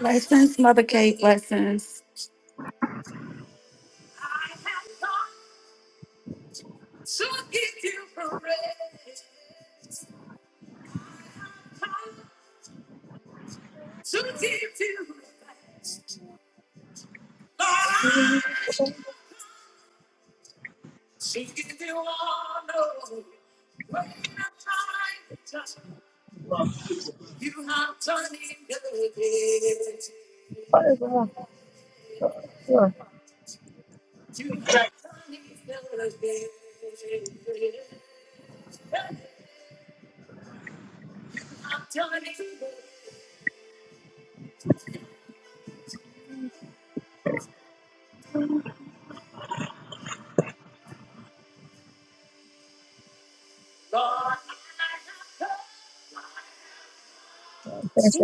Lessons, Mother Kate. Lessons. Father God, you are blessed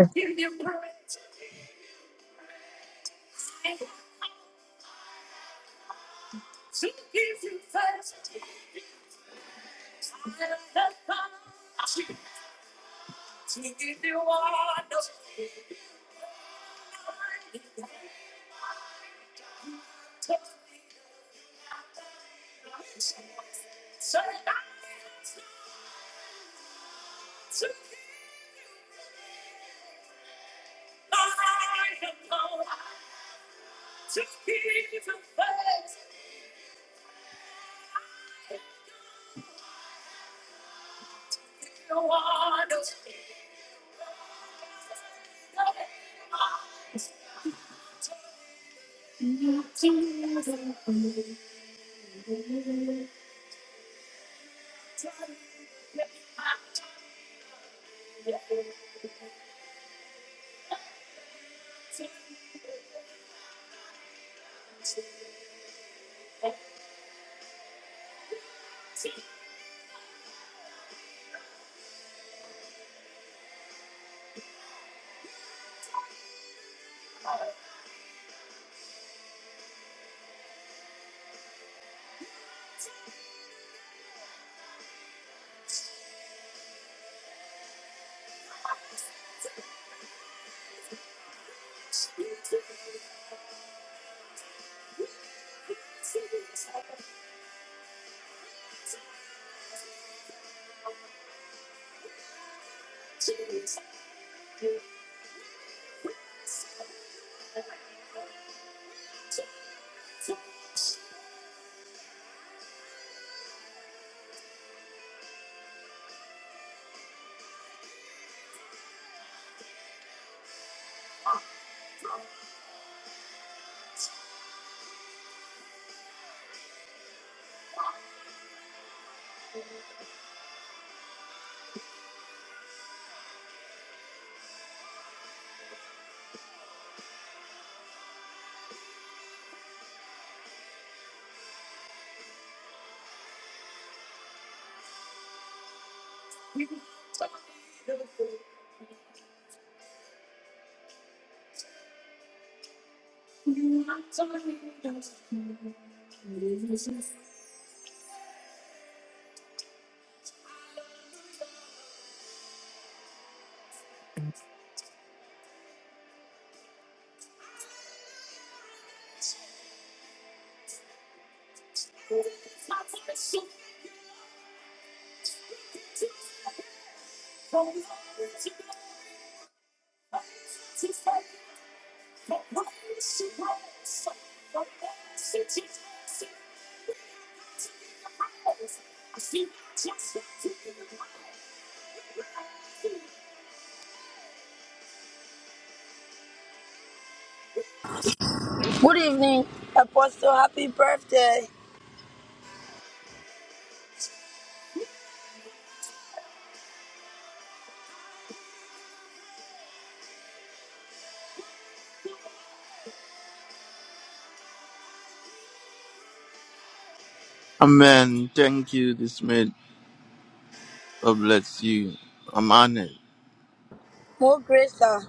Good evening, Apostle. Happy birthday. Amen. Thank you. This maid God bless you. I'm honored. More grace. sir.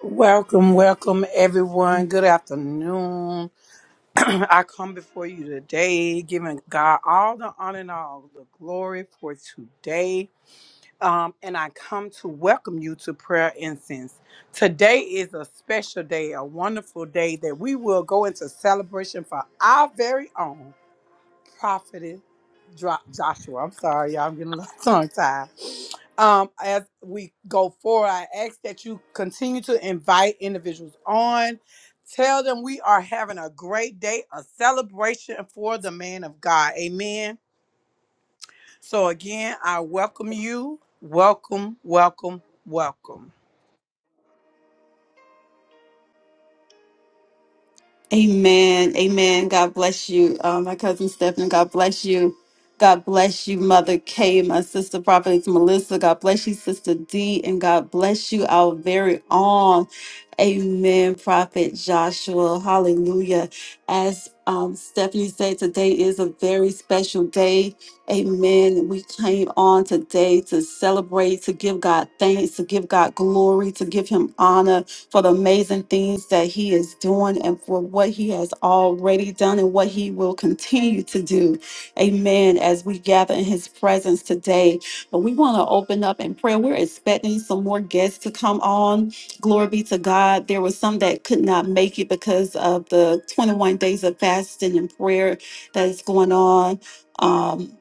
Welcome, welcome everyone. Good afternoon. I come before you today, giving God all the honor and all the glory for today. Um, and I come to welcome you to prayer incense. Today is a special day, a wonderful day that we will go into celebration for our very own prophet Dro- Joshua. I'm sorry, y'all. I'm getting a little tongue tied. Um, as we go forward, I ask that you continue to invite individuals on. Tell them we are having a great day, a celebration for the man of God. Amen. So again, I welcome you. Welcome, welcome, welcome. Amen. Amen. God bless you, uh, my cousin Stephanie. God bless you. God bless you, Mother Kay, my sister prophetess Melissa. God bless you, Sister D, and God bless you, our very own. Amen, Prophet Joshua. Hallelujah. As um, Stephanie said, today is a very special day. Amen. We came on today to celebrate, to give God thanks, to give God glory, to give Him honor. for the amazing things that He is doing and for what He has already done and what He will continue to do. Amen. As we gather in His presence today, but we want to open up in prayer. We're expecting some more guests to come on. Glory be to God. There were some that could not make it because of the 21 days of fasting and prayer that is going on um,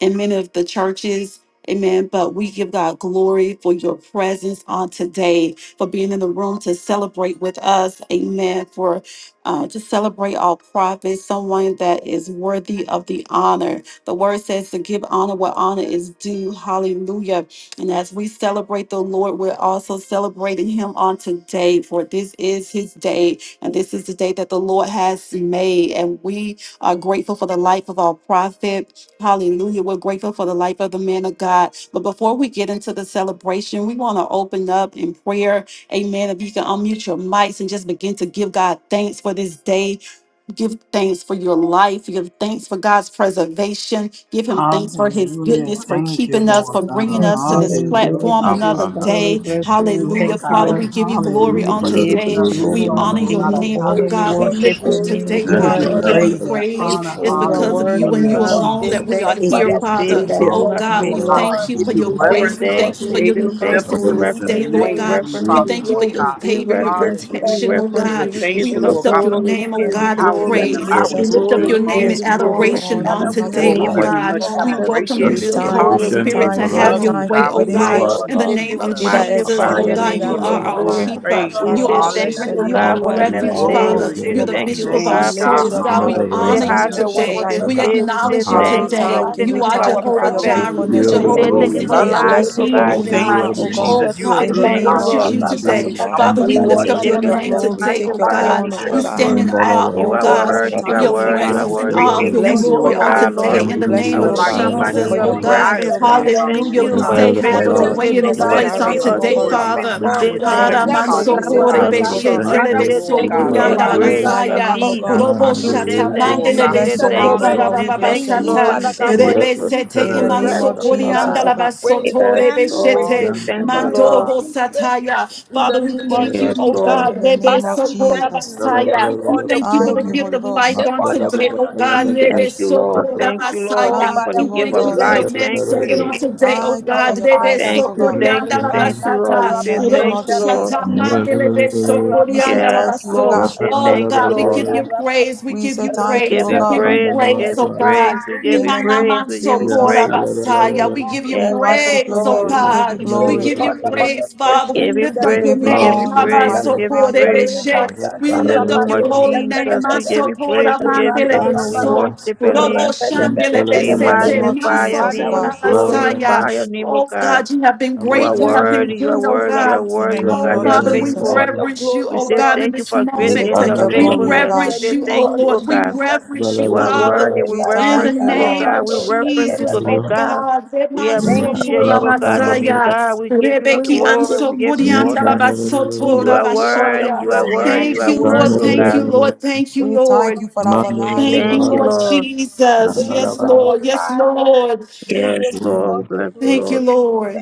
in many of the churches. Amen. But we give God glory for your presence on today for being in the room to celebrate with us. Amen. For uh, to celebrate our prophets, someone that is worthy of the honor. The word says to give honor what honor is due. Hallelujah. And as we celebrate the Lord, we're also celebrating him on today, for this is his day. And this is the day that the Lord has made. And we are grateful for the life of our prophet. Hallelujah. We're grateful for the life of the man of God. But before we get into the celebration, we want to open up in prayer Amen. If you can unmute your mics and just begin to give God thanks for this day. Give thanks for your life. Give thanks for God's preservation. Give Him thanks for His Hallelujah. goodness, for Thank you, keeping us, for Lord and bringing God. great, us to Father, this we bless platform Hallelujah, Abba, you. another Father, Father, Jesus. we day. bless you. We Hallelujah. Lord thank you, God, Father, Lord. we you- Thank give you you. We glory hallelujah give We on for you all the give keeping you today. us glory. this We glory. far, We honor Amen. Lord your give God, you name, oh honor. another We God. day, We Lord worship lift you your God. name, O today, We Amen. give God. Father, you and You give are you praise and praise. honor. It's faithful. You are because of worthy, you O and Hallelujah, you God. We alone say Jesus. that we thank are you for It's here, this day we Yes, Father. that give, Oh you Lord. have Yes, God, made, we Lord God, Lord. Lord. to thank you give for you your We say grace. reverence Amen. We thank thank on you you. for We your today. say new thank Lift you. mercies up We Father, in your we this holy thank day, reference you. you. Lord We name, We God. Heavenly reference We praise Father, you. you. thank you for Lord your Thank God. you for We favor, your your reference glory. you, we protection, Hallelujah, oh reference Jesus. God. you, Thank we you give Thank We you for you, all the lift Lord that. God, up your for glory, we keeping name, oh In us the give on the you mighty God, in highways name glory, Thank of and we the you praise. for give your you byways. We Jesus, we lift up give glory, your you we preservation, name give O in praise, you we God. give Hallelujah, glory. you adoration honor, on we Jesus. Thank you In the for your today, Lord, we name oh magnify give of your mercy you name, God. much O We God. Jesus, we welcome admiration. that you, give We is you sweet thank Holy glory, you, Hallelujah. we we sufficient give Spirit, We you to thank you, over we have us. honor, love your you, thank way, you God. oh for We we this day, God. thank Manda O you, In the God. worship you, name we of Be Jesus. that Jesus, magnify In oh the your exalted, papapani be name, God, name you that of King are of sika Jesus, our we glory. glorified. keeper. pamarabala. praise We you. Father, You we say are our thank bless your you, strength. O You name, O are God, our Hallelujah. for God. We another refuge, Nandiya honor day. your Father. We Glory say name, to You're O the your God. thank payabala. you, bishop O of our We name, God, for lift your. God. it souls, up in God. We our We Mandarabala. say praise honor this you have Hallelujah, your morning way on today. tonight, this O Jesus. We God. day. We Nandiya say acknowledge you Father, we payabala. thank you, today. Lord. We thank you, say You we Hallelujah, thank you are for God. our thank you for Jehovah your prophet. We Glory give Jireh. to You're your you faithfulness, all O We the name. Jehovah God. say Lord, thank we you Nissi. glory. for You're We love you. lives, bless O you for Elohim, God, We We oh who in give the you name you thank are, of all God. you, O the God. honor. Oh, Jesus. Jesus. We You are say Father, In the we good, thank name God. We you, of worship Lord. you thank Jesus, O you. today. We God. Father, thank we We you. We We lift say, up love worship your take your you. your name name. We glory, today, take oh your magnify your God. name, honor, King O We of God. stand glory. in awe, Mandarabala. You oh Oh are God, we God, say worthy. You and of are thank your you, oh worthy. continue You to are God. presence be and worthy. We great awe We of say Yandarabala. in your you, thank bless you you, for glory oh Lord your on God. God, That today faithfulness. Lord. we We in the bless I continue name you, will to Nandiya of oh allow you God, come to back in Jesus, for your lead your oh payabala. Yandarabala. and guide God. presence, us, oh presence. We Heavenly say God. Father, thank Hallelujah. We Lord you We for God. your say, thank you, oh have That your faithfulness. God, we We say way in thank this you Jehovah Yes, for place Jireh, on yes, keeping meditate on yes. us. your today, Jehovah word, Rapha. spend Father. We time say with you, Mandarabala. thank Lord, we Heavenly you, oh say, Father, we God, say Lord for God. thank Father, you, oh we sustaining God. thank us. We you. Surrendering, say We Lord thank give you God. you for all the We your Squat- glory. grace, magnify your your name, oh Haramansokorebeshetelebesokoriandalabasaya, Prostrate Yes, peace. our God. posture We unto say you, thank Lord you. We We Lord, God. say bless your thank name, you. oh We God. We say Hallelujah, thank bless your you, name, Jesus. Lord. roboshatamandelebesokobarababasata, We say Jesus. thank you. rebesete In the name of Jesus, oh God. Yes, imansokoriandalabasotorebeshete. Lord. We say Rebeshete, thank you, Hallelujah, Lord. Mandorobo God. Sataya. Father, we thank you, Yes, oh Lord. God. In the Rebe name of Sokora Jesus. Basaya. We thank you for the Thank you, Mm-hmm. gift Holy of life Ghost. on today, oh God. Rebe Thank you, Lord. Sokora Thank you, Lord. Thank Basaya. you for Thank the We you, Holy gift thank of you for Ghost. your life. men Thank serving you. on today, oh Thank you for God. your Rebe presence, Thank oh you. God. Thank Sokorianda you. la Thank you, Lord. We In Basata. the say Robo name thank of you, Lord. Jesus. Shata Mandelebe We say Sokorianda la thank Yes, you, O Baso. Lord. We God. say Oh thank you, God, we Lord. give you praise. We We give say you We thank you, praise. give O We you God. give you praise. We praise, give you oh praise. God. We give In you the name praise. of We give you Jesus, praise. Inanamansokorabasaya. We give you we Yes, worship your praise, oh name. Lord. We give you God. We glory. give you praise, Father. We Give you lift We up your praise. give you We give name. you honor. yes, We praise. We Lord. give you magnify your praise. name, O God. Yes, Rabasokorebeshe. We In the lift up name your of holy Lord. name. Jesus, we give you praise. We give you honor. We Masokoramandelebeso. worship your name. We In the name Uroboshandelebesete. of magnify your Jesus, O name. We God. glorify your Masokorabasaya. name, O Oh God. God, you have been You great. are You have been worthy, you are good, oh worthy, you are God. In the worthy, oh name Oh God, of you are Father, we Jesus, faithful. reverence you, We oh say God, in thank you this for we great say moment. is take your your We glory, O faithfulness. We God. reverence say you, oh thank you, oh Lord. We God. reverence you, You are Father. worthy. We We In the thank reference you, you, oh Lord. name God. of We reference you Jesus, to be oh God. God, We appreciate Remansotora you, oh God, to be Basaya, God. We give you the Rebeki glory. We give you Ansokorianda honor. You Basotora are worthy, Basaya. you In are the name worthy, of you Thank are you, worthy, Lord. Jesus, oh Thank God. you, Lord. Thank you, we thank you Lord. for our lives, O Thank you, Thank God. you, Lord Lord. Jesus. Yes, Lord. Yes, Lord. Yes, Lord. We bless you, Thank you, Lord. Lord.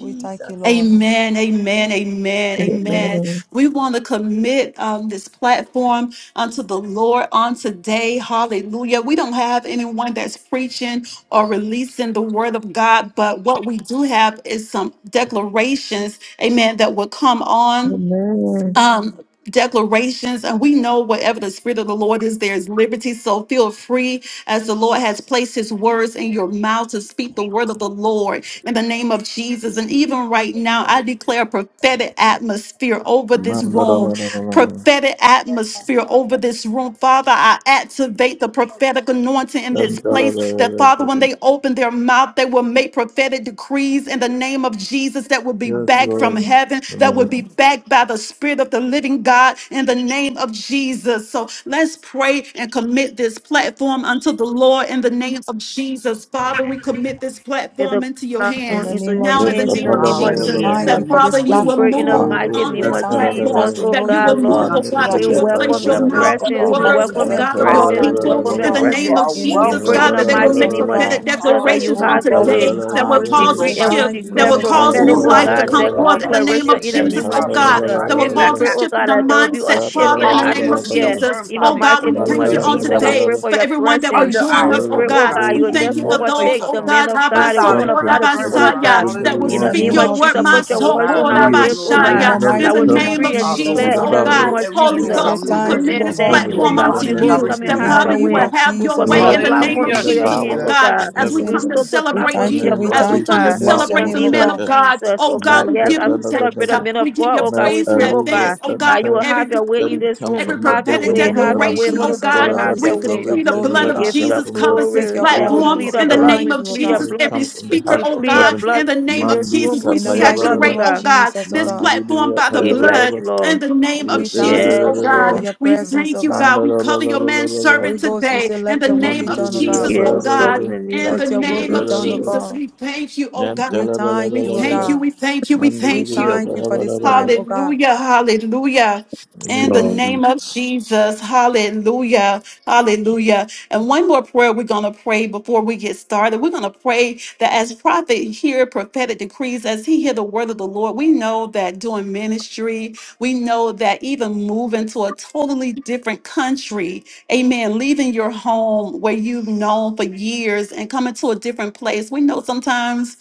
We thank you, Lord. Amen, amen, amen, amen. Amen. We want to commit um, this platform unto the Lord on today. Hallelujah. We don't have anyone that's preaching or releasing the word of God, but what we do have is some declarations, amen, that will come on Amen. um, declarations, and we know wherever the Spirit of the Lord is, there is liberty. So feel free as the Lord has placed His words in your mouth to speak the word of the Lord in the name of Jesus. And even right now, I declare a prophetic atmosphere over this room prophetic atmosphere over this room. Father, I activate the prophetic anointing in this place that, Father, when they open their mouth, they will make prophetic decrees in the name of Jesus that will be backed from heaven, that will be backed by the Spirit of the living God in the name of Jesus. So let's pray and commit this platform unto the Lord in the name of Jesus. Father, we commit this Let platform the into your In platform the hands into name your of now in Yes, the hands Jesus, in name the of name of we Jesus. Hallelujah. In thank the you Jesus. That for name this Father, of you We will platform, pray Jesus, oh in the move God. glory Mantu mighty to on your name, We name this of thank Lord you God. platform. Jesus, because Satarabala we oh know That you you will We God, you give it move, Lord. oh unto you God, are that We you you, Mandriya will Lord in God. place welcome We your this your place, mouth worship Payabalabala oh on the presence. you, Lord God. We Father, words, God. we oh welcome your God, dedicate of your this presence. time We to Hallelujah, people you, welcome oh Holy your in the God. Yantalabalabalabala Spirit. You name presence. of are In the We Jesus, name welcome pray God, in of in the that they will this mighty Jesus, make oh name of place. Yarabalabalabala prophetic God. Jesus that you declarations on Oh have Hallelujah, your God, we way. Lord today say God. that will thank We you. We We cause Yantalabalabalabala a go say decree and by we the shift, thank you. lead We that declare will say of you, thank cause you, prophetic, new oh Lord oh life God. God. to God, come de- Yantalabalabalabala forth Cause in the a name of declaration shift, in the Jesus, Heavenly name oh of Father, God, Lord Jesus. God, that will in We the cause Yatambalabalabalabala a pray, oh shift in God, the that atmosphere, there will Lord be a mindset, God. shift Father, in in the the name of Hallelujah. atmosphere. Rabalabalabalabala Firm Jesus. In the Oh foundation God, mighty that we you are name thank of you on building, Jesus, Lord we God today pray Mandalabalabalabala for for your everyone that would presence. under join our We us, feet, Whatever oh pray, oh Lord God. God, God, you We as will you declaration thank just you continue for to Place those, overtake us oh the on a men God, of that God, the Rabasaya, women comes solid of from God, ground, the people firm every of each ground. God. and that will every In In Hallelujah, the the one's speak name name mouth, of your of Jesus. word, Jesus, my put your Jesus. soul, words Divine on our be a connection, lips, Lord oh God, in In God. the Rabashaya, the declaration that will in I mighty the will atmosphere, name come of name Heavenly decree of and Father, Jesus, oh from Lord Jesus, declare the God. in God. oh the name God. Bible of That we, Holy We Lord Jesus. say God, Ghost, we we will We thank commit you, say reverence oh of this in God. thank you, you, heaven oh platform Heavenly in God. the unto Father, Holy in the name Ghost, you, of come direction and that that you In have the have Father, Jesus. your us you to name will way. go. of have We your Jesus, oh commit way a in Let the God. it come name platform of from Hallelujah, the into your Jesus, oh hands, Jesus. oh bowels God, of God. We as we heaven say We come to soak the we in celebrate platform the in thank you. you, your name We of as blood, oh we thank you. come to Jesus. We God. bless Mark In your the celebrate the name, oh name man of of God. Roshetta, God, Jesus, oh oh God. God, we Yes, give as you we celebrate thanks. the Nekefenagadeva, men We of give God, you oh Me God, we praise in pray, Mm. oh Eluvra God, advance, oh God, that you for will Ente. every have your way Let in decree. it this come room. Every from the Have your prophetic In bosom the way, of name have your of heaven. way, declaration, oh Holy Jesus, oh God, Spirit, God, Whatever we have we say, your could way. take your see the declaration, glory, blood oh We let of it God. give you come the Jesus from the covers this Take glory. your Yeah, we honor. bosom platform We plead of say, your in the heaven. blood. name We thank of you, oh plead your Let God. Jesus. it blood. Every come from the speaker, We heart oh of plead your God, heaven. blood in the in name of this Mandi room. Jesus, We we In the plead your mighty blood, oh name Tapayabaraba, saturate, of oh God. God, Jesus, oh this Mandi God. platform Bibiya by the We bless blood Payabaraba, you, in Lord. the name of We thank Jesus, you, oh oh Yes, God, for Yipiribiribiribi, Lord. God. your We presence, thank oh you, God. God. We cover your man Mandarabalabalabalaba. Holy servant Ghost, we today say, in let the your will Nam name be bili of done, oh bili yap God. Jesus, oh yap Yes, yap God. Lord, in the name In of Let the your will Jesus. yap yap name be of yap done, oh Jesus, God. we thank you, oh Nam We God. tala bala We thank you, bala oh thank bala. you, God. we thank you, we Nam We bili thank bili yap you. thank you yap for yap this yap time, yap. oh God. Hallelujah, hallelujah. In Yes, the In name the Lord. of name of Jesus. Jesus, hallelujah, hallelujah. And one more prayer we're going to pray before we get started. We're going to pray that as prophet hear prophetic decrees, as he hear the word of the Lord, we know that doing ministry, we know that even moving to a totally different country, amen, leaving your home where you've known for years and coming to a different place, we know sometimes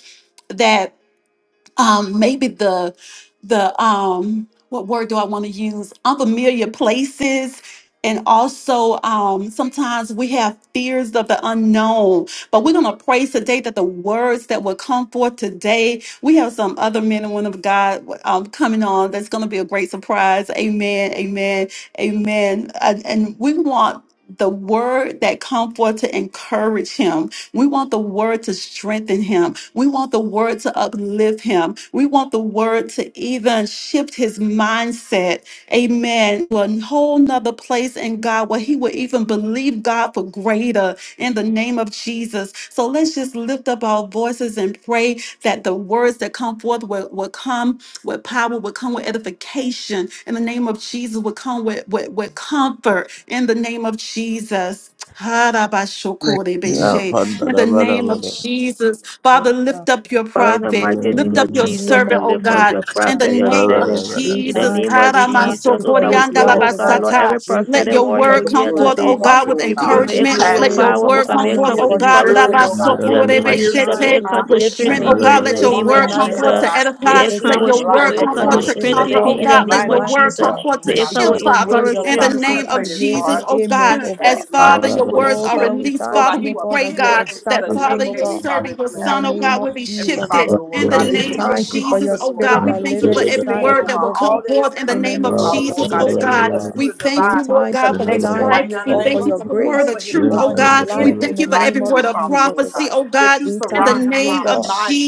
that um, maybe the the um, what word do I want to use? Unfamiliar places. And also, um, sometimes we have fears of the unknown. But we're going to pray today that the words that will come forth today we have some other men and women of God um, coming on. That's going to be a great surprise. Amen. Amen. Amen. And, and we want the word that come forth to encourage him. We want the word to strengthen him. We want the word to uplift him. We want the word to even shift his mindset. Amen to a whole nother place in God where he would even believe God for greater in the name of Jesus. So let's just lift up our voices and pray that the words that come forth will, will come with power, will come with edification in the name of Jesus, will come with, with, with comfort in the name of Jesus. Hallelujah. Ya Harabashokorebeshe. panda In the da bala name of bala. Jesus, Oh Father, God. lift up your Father, in the Bala prophet, mighty name bala bala lift up of In your the bala bala. Jesus, name we servant, of oh lift Jesus, up God. your oh In God. the prophet, your name Bala of bala servant. bala. We In the Jesus, thank name you, of we thank Jesus, you oh for God, we his pray, Bala life, bala bala. oh O God, God. Lord, every Karamansokoryandalabasata. We let prophetic thank your you word you Give for word will your his come hear life, words forth, to me, O oh today, God. Father, God, with Lord we pray, We God. may give it encouragement. you come with As Let it, your praise. power, We oh Lord word God, God, come may it honor he forth, come you with oh is for his God, life, encouraged, O encouragement. Lord God, God. Bala In in the the bala name bala. of We spirit, Jesus, thank may Lord Rabasokorebeshete. it you. come We God, to with give him and strength, to strengthen oh Bala you each him. God. to In Let the your this name woman of word and come tonight, O man forth of God. Jesus, to God may We edify. speaking it say to come Let his with your thank you strength, life, for word may your it come Lord come bala to forth God, bala. to promises, O that strengthen comfort, they God, oh him. In speak the over God. his Let name mighty. your of life, O word Jesus, come God. Father, forth to Lord may it God, come that shield, with Because the we Father, know word, your Lord in the God, encouragement. promises name are of penetrate his yea Jesus, and heart, oh amen, God. O penetrate As God. his mind, Father, that he your will words Oh, are Father, shift, we released, Lord thank Father, God, he you, we oh will God, pray, that you will pivot God, into the that establish Father, him, next oh your Heavenly God, Father servant, that your you in the have son, oh in name me. God, of will be shifted Heavenly Jesus, oh shifted Father, God. in Lord the God, We that you name give of him thank you for Jesus, your comfort, oh Lord God. spirit God, We that thank to you for liveth every inside withstand, of word Lord that him, God, will oh all come God, that is forth in the in coming, the name Heavenly of name Bala of Father, bala Jesus, Lord God, oh that Jesus, you oh do God. the, God. bala. do We the thank We you, divine Lord thank you, God, for we Okay. his connection thank right you, life. oh now in We the God, for name thank you of your for Jesus the word grace of over his truth, life over oh his God. in We life in his thank the you for life, every name of word Heavenly of Father, Jesus, oh Lord prophecy, God, God. oh that God, you We in the surround thank him you, oh name of around God. mighty,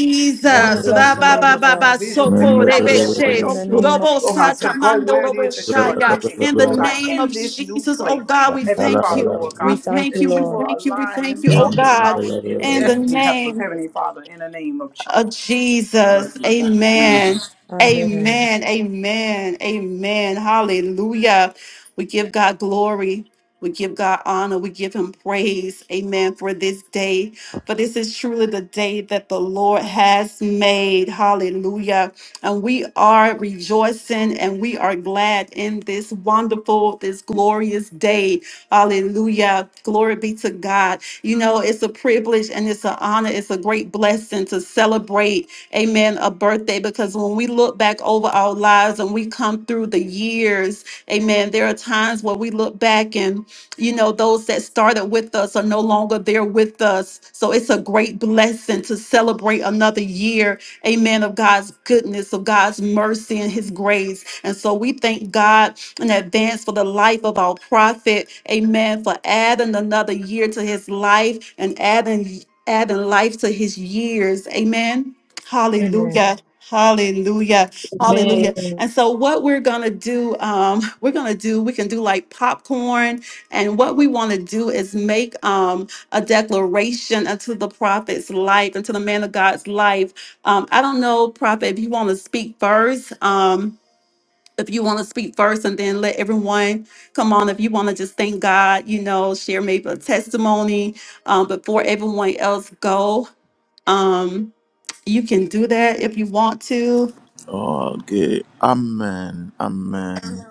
We Ra bless wonderful, your ba name, ba oh loving ba ba God, so individuals, ko Heavenly re Father, be that will she. in the help him, name of Robo Lord sa God, Jesus. ta to go mando where it robo is that you sha are ya. taking him, In the Lord God, name of in this new Jesus, oh place. God, we Heavenly thank Father, you. Lord We God, We thank thank you, you. that you We Lord. will thank you. We align thank him you, oh up, Lord God. God, with his In the destiny helpers, name Heavenly Father, in the name of Jesus. of Jesus. Hallelujah. Amen. Amen. Amen. Amen. Amen. Amen. Hallelujah. We give God glory. We give God honor. We give him praise. Amen. For this day. For this is truly the day that the Lord has made. Hallelujah. And we are rejoicing and we are glad in this wonderful, this glorious day. Hallelujah. Glory be to God. You know, it's a privilege and it's an honor. It's a great blessing to celebrate, amen, a birthday because when we look back over our lives and we come through the years, amen, there are times where we look back and, you know, those that started with us are no longer there with us. So it's a great blessing to celebrate another year, amen, of God's goodness, of God's mercy and his grace. And so we thank God in advance for the life of our prophet. Amen. For adding another year to his life and adding adding life to his years. Amen. Amen. Hallelujah. Hallelujah. Hallelujah. Amen. And so what we're going to do um we're going to do we can do like popcorn and what we want to do is make um a declaration unto the prophet's life unto the man of God's life. Um I don't know prophet if you want to speak first. Um if you want to speak first and then let everyone come on if you want to just thank god you know share maybe a testimony um, before everyone else go um, you can do that if you want to Amen. Amen.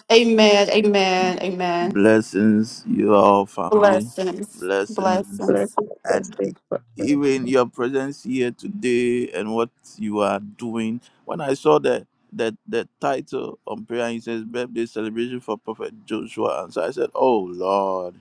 Blessings, you all family. Blessings. Bless him, bless and e- him. even your presence here today and what you are doing. When I saw the the, the title on prayer it says, birthday celebration for Prophet Joshua, and so I said, "Oh Lord!"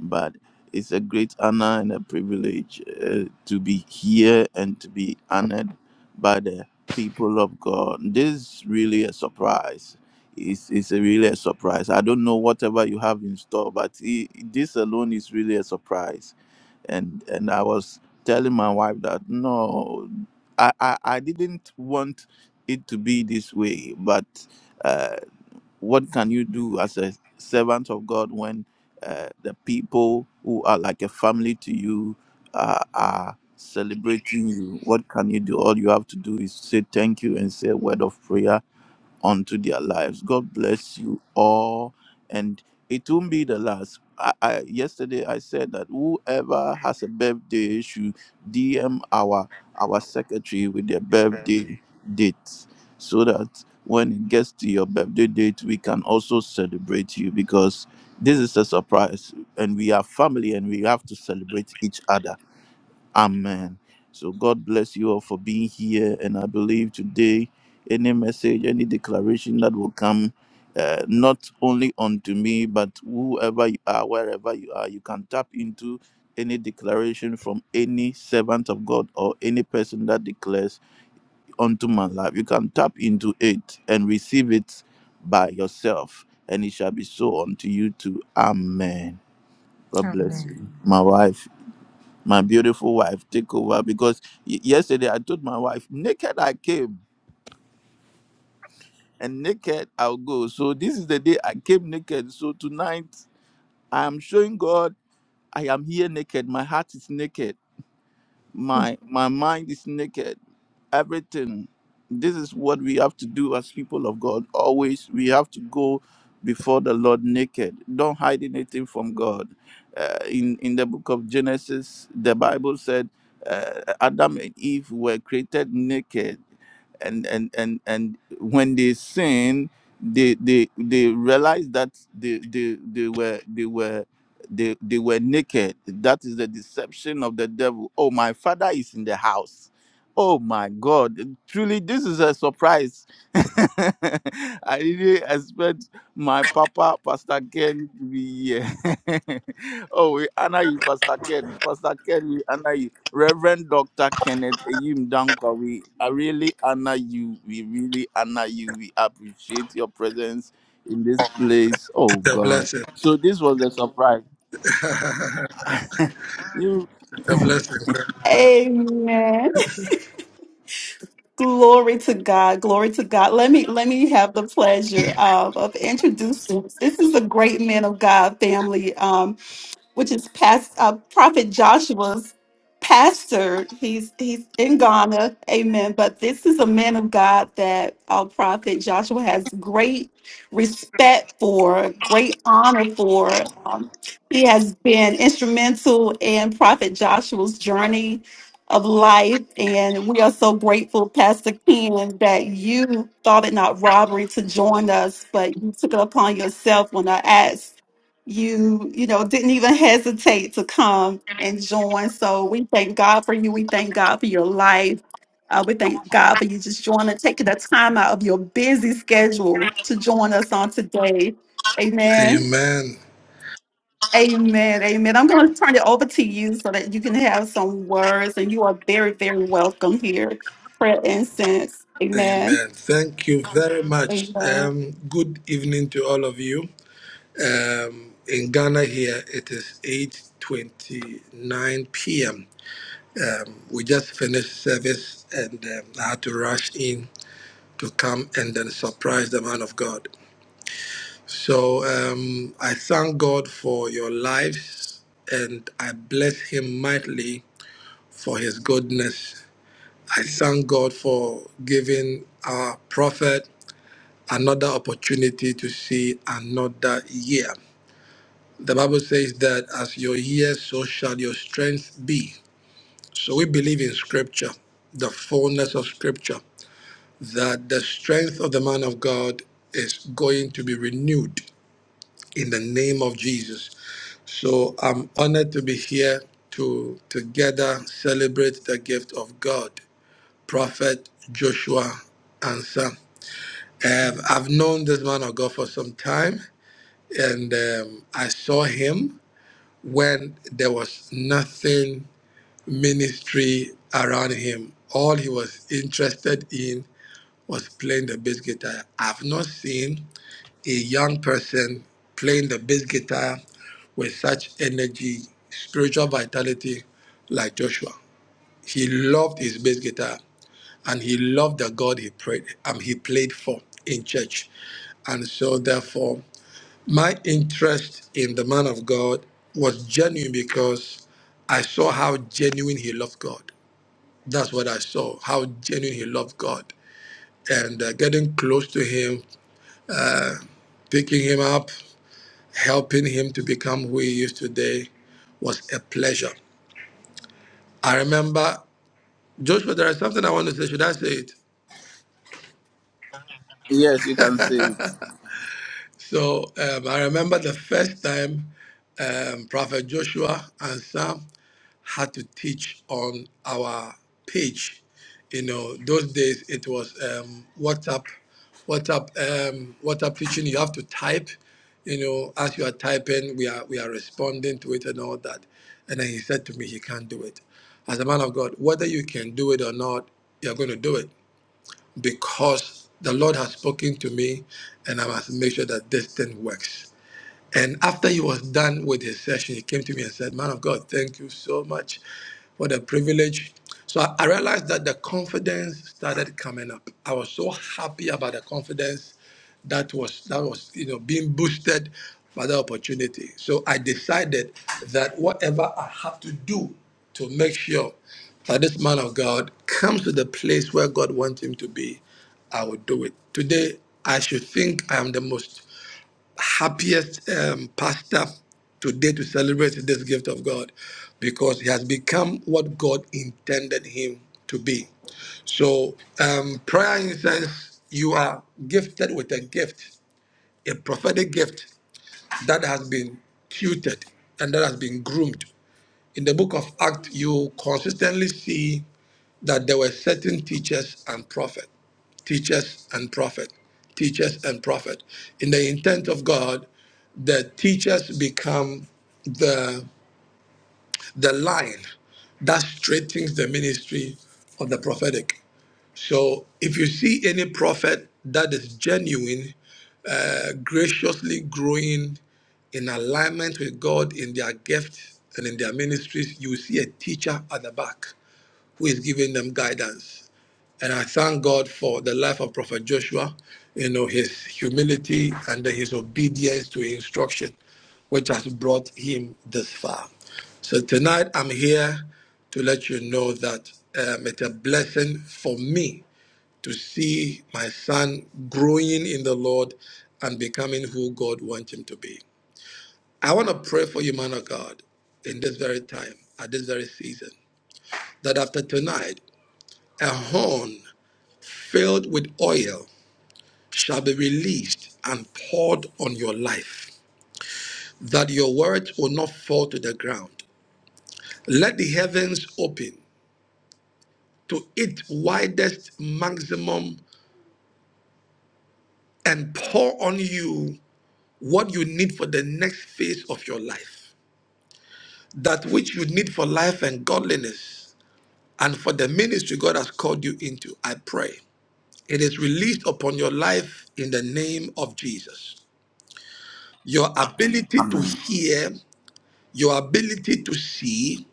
But it's a great honor and a privilege uh, to be here and to be honored by the people of God. This is really a surprise. It's, it's a really a surprise. I don't know whatever you have in store, but i this alone is really a surprise and and I was telling my wife that no, I I, I didn't want it to be this way, but uh, what can you do as a servant of God when uh, the people who are like a family to you uh, are celebrating you? What can you do? All you have to do is say thank you and say a word of prayer onto their lives. God bless you all. And it won't be the last. I, I yesterday I said that whoever has a birthday should DM our our secretary with their birthday date so that when it gets to your birthday date we can also celebrate you because this is a surprise and we are family and we have to celebrate each other Amen. So God bless you all for being here. And I believe today, any message, any declaration that will come, uh, not only unto me, but whoever you are, wherever you are, you can tap into any declaration from any servant of God or any person that declares unto my life. You can tap into it and receive it by yourself, and it shall be so unto you too. Amen. God bless Amen. you. My wife my beautiful wife take over because y- yesterday i told my wife naked i came and naked i'll go so this is the day i came naked so tonight i am showing god i am here naked my heart is naked my my mind is naked everything this is what we have to do as people of god always we have to go before the lord naked don't hide anything from god uh, in in the book of genesis the bible said uh, adam and eve were created naked and and and and when they sinned they they they realized that they they they were they were they, they were naked. That is the deception of the devil. Oh, my father is in the house. Oh my God. Truly, this is a surprise. I didn't expect my papa, Pastor Ken, to be here. oh, we honor you, Pastor Ken. Pastor Ken, we honor you. Reverend Dr. Kenneth Eyim Dankwa, we I really honor you. We really honor you. We appreciate your presence in this place. Oh, It's a God. blessing. So, this was the surprise. You It's a blessing. amen glory to god glory to god let me let me have the pleasure of, of introducing this is a great man of god family um, which is past uh, Prophet Joshua's pastor. He's he's in Ghana, Amen. But this is a man of God that our Prophet Joshua has great respect for, great honor for. Um, he has been instrumental in Prophet Joshua's journey of life, and we are so grateful, Pastor Ken, that you thought it not robbery to join us, but you took it upon yourself when I asked you you know didn't even hesitate to come and join so we thank god for you we thank god for your life uh, we thank god for you just joining taking the time out of your busy schedule to join us on today amen Amen. amen amen i'm going to turn it over to you so that you can have some words and you are very very welcome here prayer incense amen Amen. Thank you very much. amen Um, good evening to all of you. Um, in Ghana here, it is 8.29 p.m. We just finished service and um, I had to rush in to come and then surprise the man of God. So um, I thank God for your lives and I bless him mightily for his goodness I thank God for giving our prophet another opportunity to see another year. The Bible says that as your years, so shall your strength be. So we believe in Scripture, the fullness of Scripture, that the strength of the man of God is going to be renewed in the name of Jesus. So I'm honored to be here to together celebrate the gift of God, Prophet Joshua Ansa. Um, I've known this man of God for some time, and um, I saw him when there was nothing ministry around him. All he was interested in was playing the bass guitar. I've not seen a young person playing the bass guitar with such energy, spiritual vitality like Joshua. He loved his bass guitar and he loved the God he prayed um, he played for in church. And so therefore My interest in the man of God was genuine because I saw how genuine he loved God. That's what I saw, how genuine he loved God. And uh, getting close to him, picking him up, helping him to become who he is today was a pleasure. I remember, Joshua, there is something I want to say. Should I say it? yes, you can say it. So um, I remember the first time um, Prophet Joshua and Sam had to teach on our page. You know, those days it was um, WhatsApp, WhatsApp, um, WhatsApp teaching. You have to type. You know, as you are typing, we are we are responding to it and all that. And then he said to me, he can't do it. As a man of God, whether you can do it or not, you're going to do it because the Lord has spoken to me and I must make sure that this thing works. And after he was done with his session, he came to me and said, Man of God, thank you so much for the privilege. So I, I realized that the confidence started coming up. I was so happy about the confidence that was that was you know being boosted by the opportunity. So I decided that whatever I have to do to make sure that this man of God comes to the place where God wants him to be, I will do it. Today I should think I am the most happiest um, pastor today to celebrate this gift of God because he has become what God intended him to be. So, um, prayer incense, you are gifted with a gift, a prophetic gift that has been tutored and that has been groomed. In the book of Acts, you consistently see that there were certain teachers and prophet, teachers and prophet, teachers and prophet. In the intent of God, the teachers become the the line that straightens the ministry of the prophetic. So if you see any prophet that is genuine, uh, graciously growing in alignment with God in their gifts and in their ministries, you will see a teacher at the back who is giving them guidance and I thank God for the life of Prophet Joshua, you know, his humility and his obedience to instruction, which has brought him this far. So tonight I'm here to let you know that um, it's a blessing for me to see my son growing in the Lord and becoming who God wants him to be. I want to pray for you, man of God, in this very time, at this very season, that after tonight, a horn filled with oil shall be released and poured on your life, that your words will not fall to the ground. Let the heavens open to its widest maximum and pour on you what you need for the next phase of your life. That which you need for life and godliness and for the ministry God has called you into, I pray. It is released upon your life in the name of Jesus. Your ability to Amen. hear, your ability to see,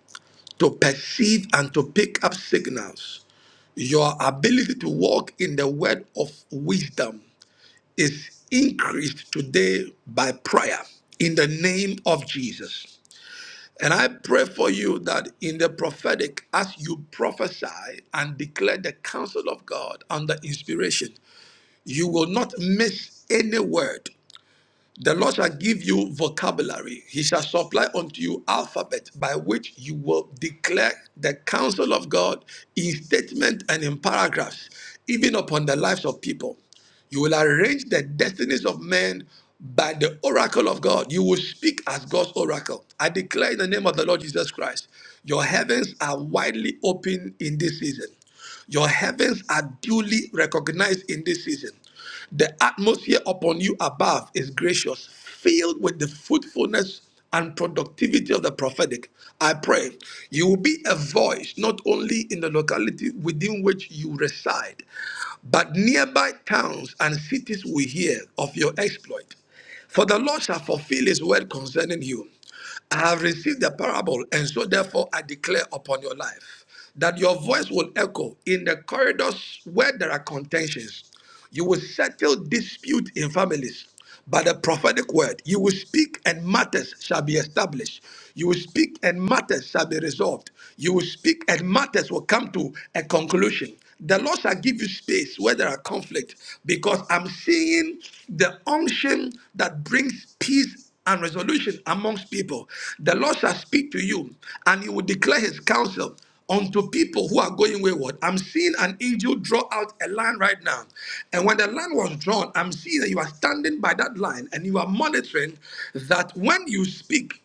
to perceive and to pick up signals. Your ability to walk in the word of wisdom is increased today by prayer in the name of Jesus. And I pray for you that in the prophetic, as you prophesy and declare the counsel of God under inspiration, you will not miss any word the Lord shall give you vocabulary. He shall supply unto you alphabet by which you will declare the counsel of God in statement and in paragraphs, even upon the lives of people. You will arrange the destinies of men by the oracle of God. You will speak as God's oracle. I declare in the name of the Lord Jesus Christ, your heavens are widely open in this season. Your heavens are duly recognized in this season. The atmosphere upon you above is gracious, filled with the fruitfulness and productivity of the prophetic. I pray you will be a voice not only in the locality within which you reside, but nearby towns and cities will hear of your exploit. For the Lord shall fulfill his word concerning you. I have received the parable, and so therefore I declare upon your life that your voice will echo in the corridors where there are contentions. You will settle dispute in families by the prophetic word. You will speak and matters shall be established. You will speak and matters shall be resolved. You will speak and matters will come to a conclusion. The Lord shall give you space where there are conflict because I'm seeing the unction that brings peace peace and resolution amongst people. The Lord shall speak to you, and he will declare his counsel unto people who are going wayward. I'm seeing an angel draw out a line right now. And when the line was drawn, I'm seeing that you are standing by that line and you are monitoring that when you speak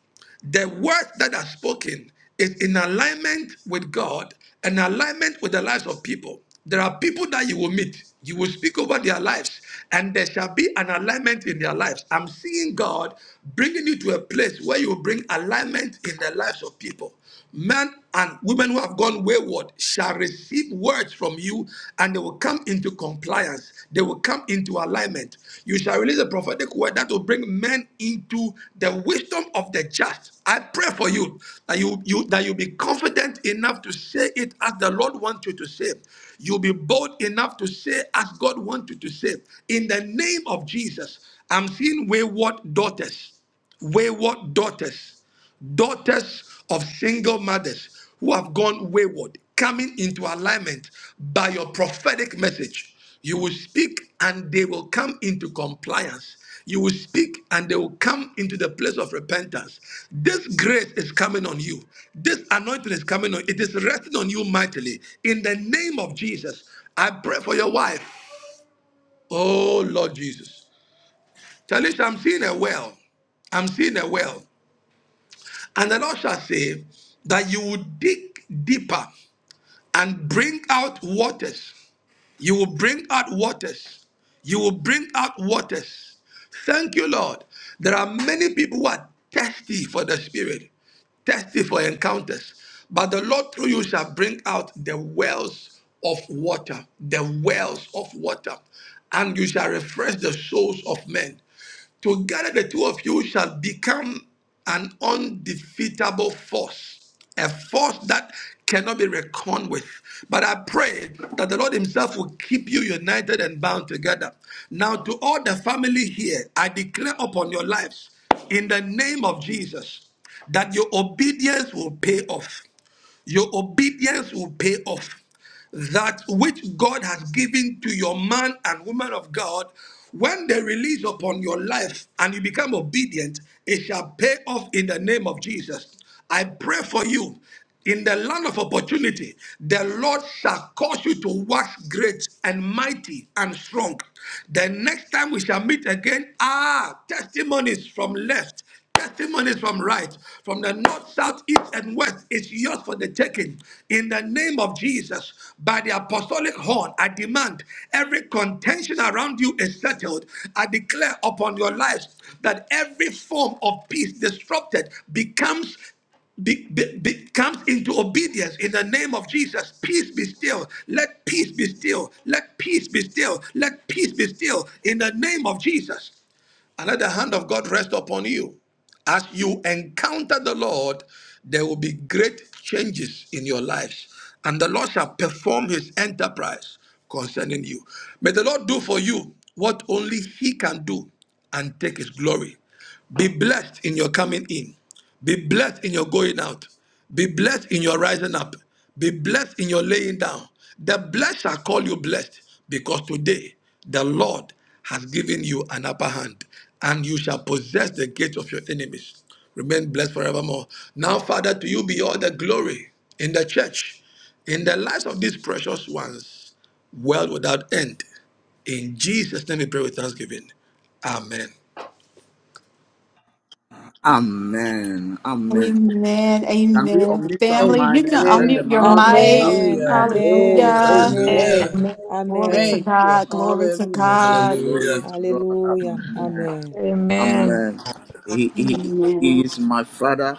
the words that are spoken is in alignment with God and alignment with the lives of people. There are people that you will meet, you will speak over their lives, and there shall be an alignment in their lives. I'm seeing God bringing you to a place where you will bring alignment in the lives of people. Men and women who have gone wayward shall receive words from you and they will come into compliance. They will come into alignment. You shall release a prophetic word that will bring men into the wisdom of the just. I pray for you that you, you that you be confident enough to say it as the Lord wants you to say. You'll be bold enough to say as God wants you to say. In the name of Jesus, I'm seeing wayward daughters wayward daughters, daughters of single mothers who have gone wayward, coming into alignment by your prophetic message. You will speak and they will come into compliance. You will speak and they will come into the place of repentance. This grace is coming on you. This anointing is coming on. It is resting on you mightily. In the name of Jesus, I pray for your wife. Oh Lord Jesus. Talisha, I'm seeing a well. I'm seeing a well. And the Lord shall say that you will dig deeper and bring out waters. You will bring out waters. You will bring out waters. Thank you, Lord. There are many people who are thirsty for the Spirit, thirsty for encounters. But the Lord through you shall bring out the wells of water, the wells of water, and you shall refresh the souls of men. Together, the two of you shall become an undefeatable force, a force that cannot be reckoned with. But I pray that the Lord Himself will keep you united and bound together. Now, to all the family here, I declare upon your lives in the name of Jesus that your obedience will pay off. Your obedience will pay off. That which God has given to your man and woman of God, when they release upon your life and you become obedient, it shall pay off in the name of Jesus. I pray for you in the land of opportunity, the Lord shall cause you to wax great and mighty and strong. The next time we shall meet again, ah, testimonies from left, Testimonies from right, from the north, south, east, and west is yours for the taking. In the name of Jesus, by the apostolic horn, I demand every contention around you is settled. I declare upon your lives that every form of peace disrupted becomes be, be, be- comes into obedience in the name of Jesus. Peace be still. Let peace be still. Let peace be still. Let peace be still in the name of Jesus and let the hand of God rest upon you. As you encounter the Lord, there will be great changes in your lives, and the Lord shall perform his enterprise concerning you. May the Lord do for you what only he can do and take his glory. Be blessed in your coming in. Be blessed in your going out. Be blessed in your rising up. Be blessed in your laying down. The blessed shall call you blessed because today the Lord has given you an upper hand and you shall possess the gates of your enemies. Remain blessed forevermore. Now, Father, to you be all the glory in the church, in the lives of these precious ones, world without end. In Jesus' name we pray with thanksgiving. Amen. Amen. Amen. amen Can we amen unmute our family you mind can and bless the Amen. unmute your man of God? mic Amen. Hallelujah. Amen. Amen. Glory. hallelujah Hallelujah. Amen. Amen. Amen. Glory to Amen. Thank you. God. Glory to Hallelujah, God. Jesus. Glory Hallelujah. to God. Hallelujah. Amen. Amen. I'm Amen. uh, he, he he Amen. is my father,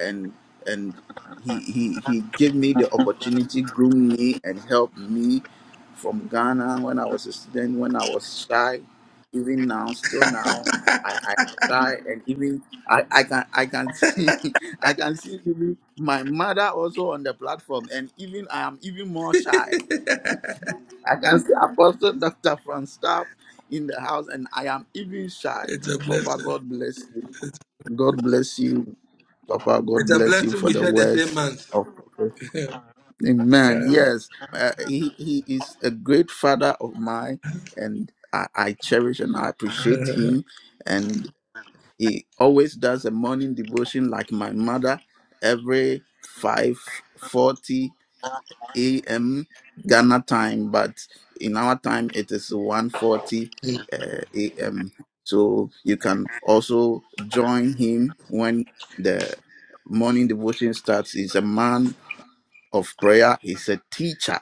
and and he he he gave me the opportunity, groomed me, and helped me from Ghana when I was a student, when I was shy, even now, still now, I I shy and even I I can I can see I can see even my mother also on the platform, and even I am even more shy. I can see Apostle Dr. Franz Staff in the house, and I am even shy. It's a Papa, blessing. God bless you. God bless you. Papa, God It's a bless you blessing for we the share the same words month. of Amen. Yeah. Yes, uh, he, he is a great father of mine, and I, I cherish and I appreciate him. And he always does a morning devotion like my mother every 5:40 a.m. Ghana time, but in our time it is one forty Mhm. uh, a.m. So you can also join him when the morning devotion starts. He's a man of prayer. He's a teacher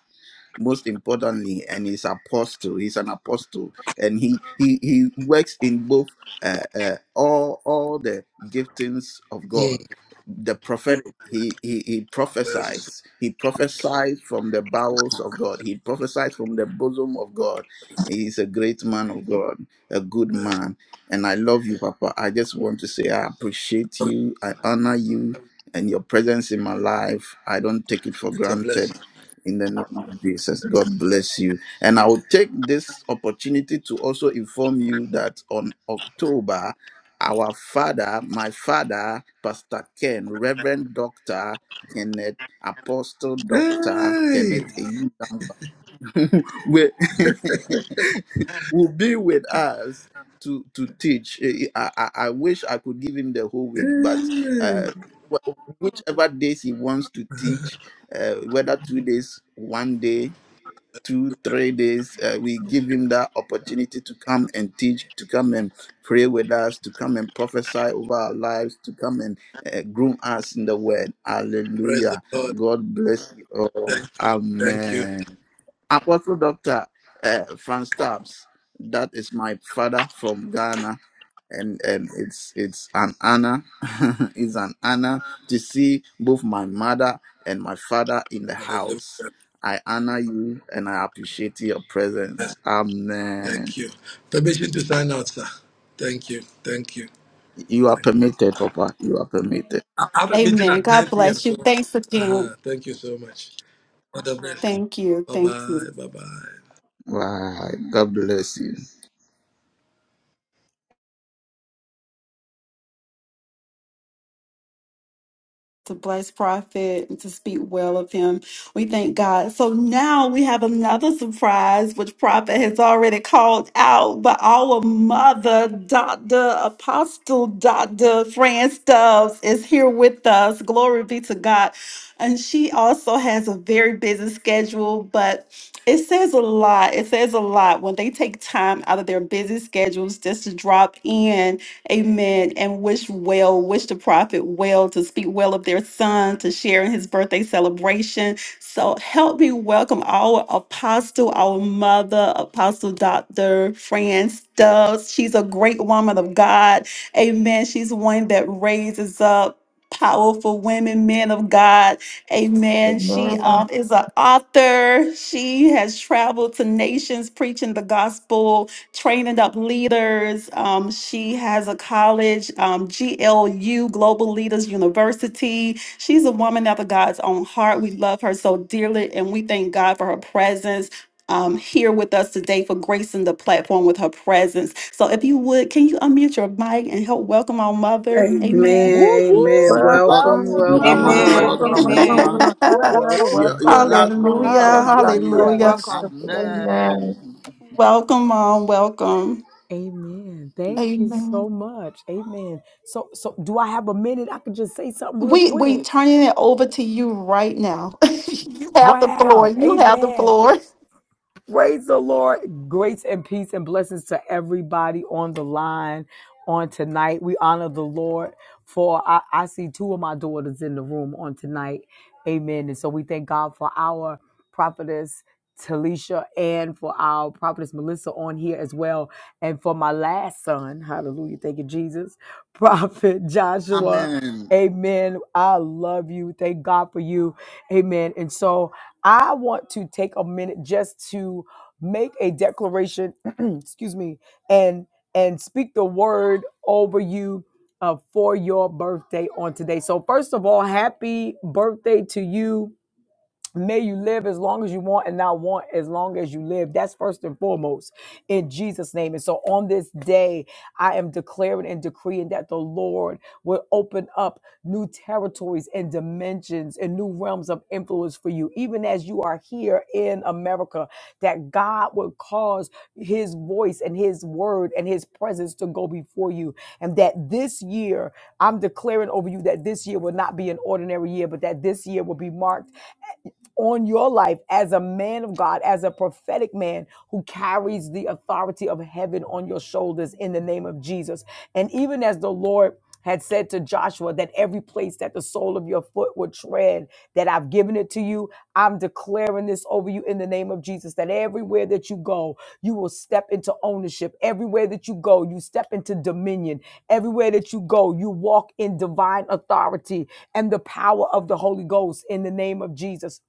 most importantly and he's apostle he's an apostle and he he he works in both uh, uh, all all the giftings of god the prophet he, he he Bless. prophesies he prophesies from the bowels of god he prophesies from the bosom of god he is a great man of god a good man and i love you papa i just want to say i appreciate you i honor you and your presence in my life i don't take it for It's a granted blessing. in the name of Jesus. God bless you. And I will take this opportunity to also inform you that on October, our father, my father, Pastor Ken, Reverend Dr. Kenneth, Apostle Dr. Hey. Kenneth will will be with us to to teach. Eh, eh, I, I, I wish I could give him the whole week, but Hey. uh, wh- whichever days he wants to teach, uh, whether two days, one day, two, three days, uh, we give him that opportunity to come and teach, to come and pray with us, to come and prophesy over our lives, to come and uh, groom us in the word. Praise the Hallelujah. Lord. God bless you all. Thank you. Thank you. Amen. Apostle Doctor uh, Franz Taps. That is my father from Ghana, and and it's it's an honor, it's an honor to see both my mother and my father in the Hallelujah. house. I honor you and I appreciate your Yes, presence. Amen. Thank you. Permission to sign out, sir. Thank you. Thank you. You are permitted, Papa. You are permitted. I I have a meeting Amen. at 9 God p.m. bless you. So, Thanks again. uh-huh. thank you so much. All the best. Thank you. Bye Thank you. bye. Bye bye. Wow. God bless you. to bless prophet and to speak well of him. We thank God. So now we have another surprise, which prophet has already called out, but our mother, Dr. Apostle Dr. Fran Stubbs is here with us. Glory be to God. And she also has a very busy schedule, but it says a lot. It says a lot when they take time out of their busy schedules just to drop in Amen. And wish well, wish the prophet well to speak well of their son, to share in his birthday celebration. So help me welcome our apostle, our mother, Apostle Dr. Fran Stubbs. She's a great woman of God. Amen. She's one that raises up powerful women, men of God. Amen. She Amen. um, is an author. She has traveled to nations preaching the gospel training up leaders. Um, she has a college, um, GLU, Global Leaders University. She's a woman after God's own heart. We love her so dearly, and we thank God for her presence. Um, here with us today for gracing the platform with her presence. So, if you would, can you unmute your mic and help welcome our mother? Amen. Woo Amen. woo. Amen. Welcome, Welcome, Welcome, Welcome, welcome, welcome, Mama. Mom. Amen. welcome, welcome, Welcome, welcome, Mama. woman Amen. of Woo God. woo woo. Your welcome. your Welcome, last welcome, born hallelujah. welcome, welcomes Pastor you. Hallelujah. Hallelujah. Welcome. Francis. Amen. Amen. Welcome, mom. Welcome. Amen. Thank you Amen. so much. Amen. So so do I have a minute? I could just say something real We we quick. turning it over to you right now. you have the floor. Wow. You have the Amen. floor. Praise the Lord. Grace and peace and blessings to everybody on the line on tonight. We honor the Lord for I, I see two of my daughters in the room on tonight. Amen. And so we thank God for our prophetess Talisha and for our prophetess Melissa on here as well. And for my last son, hallelujah. Thank you, Jesus. Prophet Joshua. Amen. Amen. I love you. Thank God for you. Amen. And so I want to take a minute just to make a declaration, excuse me, and and speak the word over you uh, for your birthday on today. So first of all, happy birthday to you May you live as long as you want and not want as long as you live. That's first and foremost in Jesus' name. And so on this day, I am declaring and decreeing that the Lord will open up new territories and dimensions and new realms of influence for you, even as you are here in America, that God will cause his voice and his word and his presence to go before you. And that this year, I'm declaring over you that this year will not be an ordinary year, but that this year will be marked on your life as a man of God, as a prophetic man who carries the authority of heaven on your shoulders in the name of Jesus. And even as the Lord had said to Joshua that every place that the sole of your foot would tread, that I've given it to you. I'm declaring this over you in the name of Jesus that everywhere that you go, you will step into ownership. Everywhere that you go, you step into dominion. Everywhere that you go, you walk in divine authority and the power of the Holy Ghost in the name of Jesus.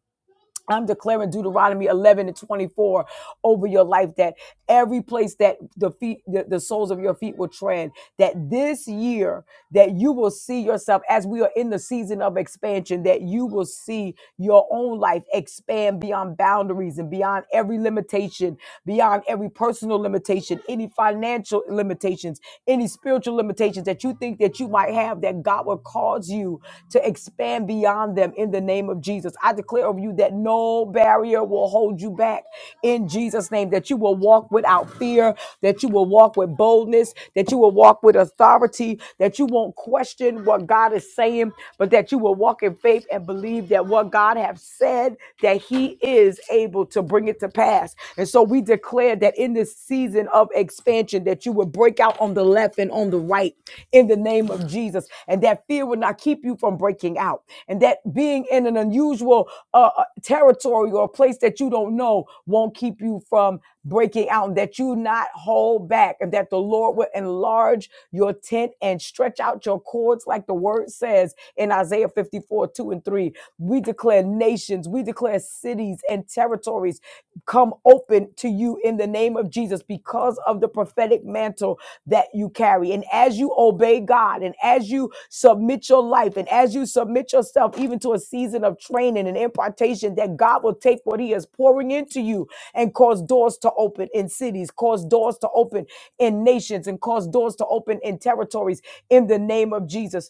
I'm declaring Deuteronomy 11 and 24 over your life that every place that the feet, the, the soles of your feet will tread, that this year that you will see yourself as we are in the season of expansion, that you will see your own life expand beyond boundaries and beyond every limitation, beyond every personal limitation, any financial limitations, any spiritual limitations that you think that you might have that God God will cause you to expand beyond them in the name of Jesus. I declare over you that no barrier will hold you back in Jesus' name, that you will walk without fear, that you will walk with boldness, that you will walk with authority, that you won't question what God is saying, but that you will walk in faith and believe that what God has said, that He is able to bring it to pass. And so we declare that in this season of of expansion, that you would break out on the left and on the right in the name of Jesus. And that fear would not keep you from breaking out. And that being in an unusual uh, uh, territory or a place that you don't know won't keep you from breaking out. And that you not hold back. And that the Lord will enlarge your tent and stretch out your cords, like the word says in Isaiah 54 2 and 3. We declare nations, we declare as cities and territories come open to you in the name of Jesus because of the prophetic mantle that you carry. And as you obey God and as you submit your life and as you submit yourself even to a season of training and impartation, that God will take what He is pouring into you and cause doors to open in cities, cause doors to open in nations, and cause doors to open in territories in the name of Jesus.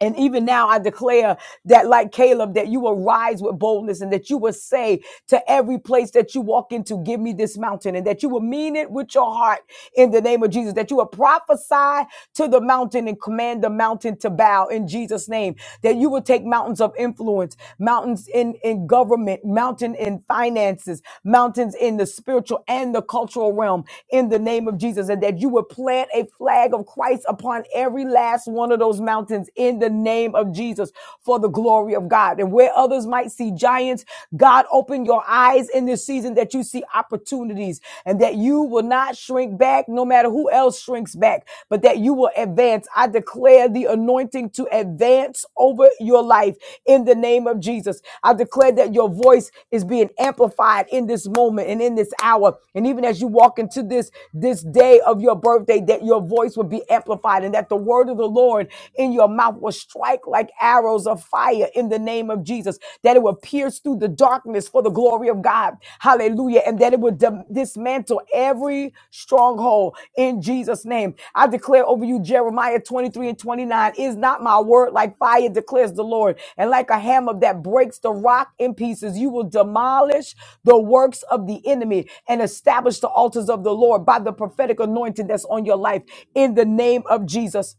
And even now, I declare that, like Caleb, that you will rise with boldness and that you will say to every place that you walk into, Give me this mountain, and that you will mean it with your heart in the name of Jesus, that you will prophesy to the mountain and command the mountain to bow in Jesus' name, that you will take mountains of influence, mountains in, in government, mountain in finances, mountains in the spiritual and the cultural realm in the name of Jesus, and that you will plant a flag of Christ upon every last one of those mountains mountains in the name of Jesus for the glory of God. And where others might see giants, God, open your eyes in this season that you see opportunities and that you will not shrink back no matter who else shrinks back, but that you will advance. I declare the anointing to advance over your life in the name of Jesus. I declare that your voice is being amplified in this moment and in this hour. And even as you walk into this this day of your birthday, that your voice will be amplified and that the word of the Lord sword in your mouth will strike like arrows of fire in the name of Jesus, that it will pierce through the darkness for the glory of God. Hallelujah. And that it will dim- dismantle every stronghold in Jesus' name. I declare over you, Jeremiah 23 and 29, is not my word like fire, declares the Lord, and like a hammer that breaks the rock in pieces. You will demolish the works of the enemy and establish the altars of the Lord by the prophetic anointing that's on your life in the name of Jesus.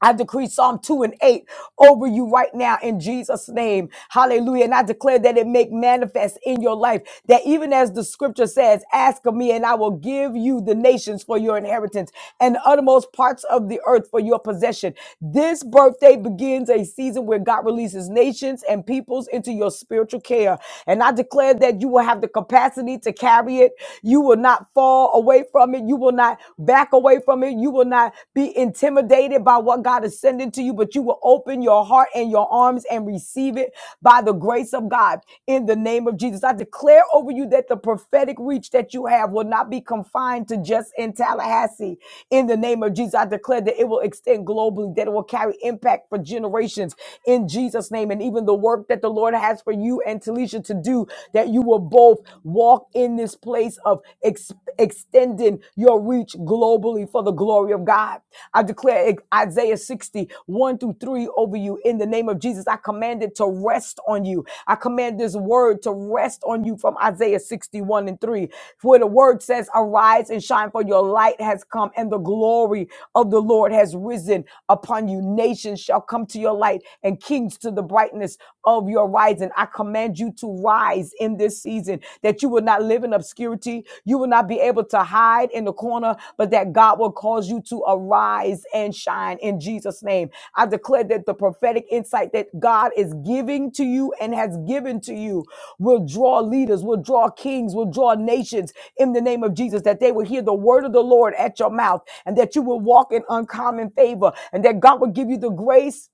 I decree Psalm 2 and 8 over you right now in Jesus' name. Hallelujah. And I declare that it make manifest in your life that even as the scripture says, ask of me and I will give you the nations for your inheritance and the uttermost parts of the earth for your possession. This birthday begins a season where God releases nations and peoples into your spiritual care. And I declare that you will have the capacity to carry it. You will not fall away from it. You will not back away from it. You will not be intimidated by what God is sending to you, but you will open your heart and your arms and receive it by the grace of God in the name of Jesus. I declare over you that the prophetic reach that you have will not be confined to just in Tallahassee in the name of Jesus. I declare that it will extend globally, that it will carry impact for generations in Jesus' name. And even the work that the Lord has for you and Talisha to do, that you will both walk in in this place of ex- extending your reach globally for the glory of God. I declare Isaiah sixty one through 3 over you in the name of Jesus. I command it to rest on you. I command this word to rest on you from Isaiah 61 and 3, where the word says, Arise and shine, for your light has come, and the glory of the Lord has risen upon you. Nations shall come to your light, and kings to the brightness of your rising. I command you to rise in this season, that you will not live in obscurity. You will not be able to hide in the corner, but that God will cause you to arise and shine in Jesus' name. I declare that the prophetic insight that God is giving to you and has given to you will draw leaders, will draw kings, will draw nations in the name of Jesus, that they will hear the word of the Lord at your mouth and that you will walk in uncommon favor and that God will give you the grace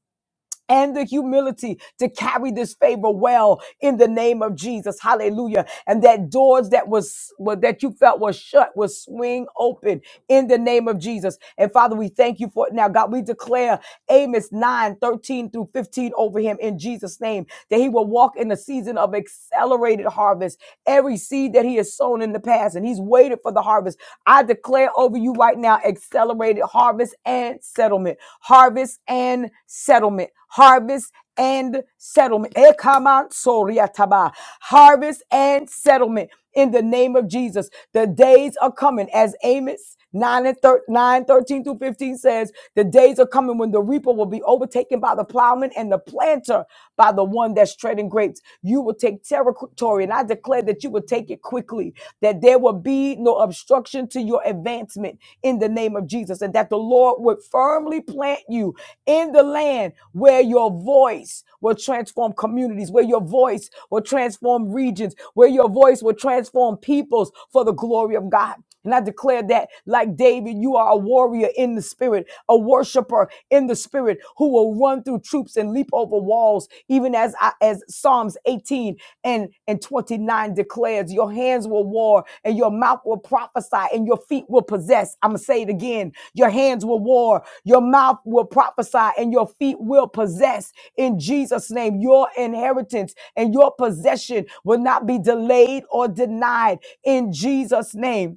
and the humility to carry this favor well in the name of Jesus. Hallelujah. And that doors that was well, that you felt was shut will swing open in the name of Jesus. And Father, we thank you for it now. God, we declare Amos 9 13 through 15 over him in Jesus' name, that he will walk in the season of accelerated harvest. Every seed that he has sown in the past, and he's waited for the harvest. I declare over you right now accelerated harvest and settlement. Harvest and settlement harvest and settlement. Ekamantsoriataba. Harvest and settlement in the name of Jesus. The days are coming, as Amos 9 and thir- 9 13 through 15 says, the days are coming when the reaper will be overtaken by the plowman and the planter by the one that's treading grapes. You will take territory, and I declare that you will take it quickly, that there will be be no obstruction to your advancement in the name of Jesus, and that the Lord would firmly plant you in the land where your voice will transform communities, where your voice will transform regions, where your voice will transform peoples for the glory of God. And I declare that, like David, you are a warrior in the spirit, a worshiper in the spirit, who will run through troops and leap over walls, even as I, as Psalms 18 and, and 29 declares, your hands will war and your mouth will prophesy and your feet will possess. I'm gonna say it again. Your hands will war, your mouth will prophesy, and your feet will possess in Jesus' name. Your inheritance and your possession will not be delayed or denied in Jesus' name.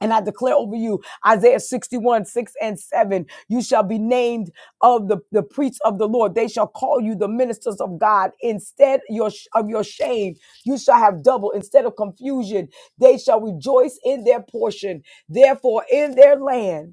And I declare over you, Isaiah 61, 6 and 7, you shall be named of the, the priests of the Lord. They shall call you the ministers of God. Instead your, of your shame, you shall have double. Instead of confusion, they shall rejoice in their portion. Therefore, in their land,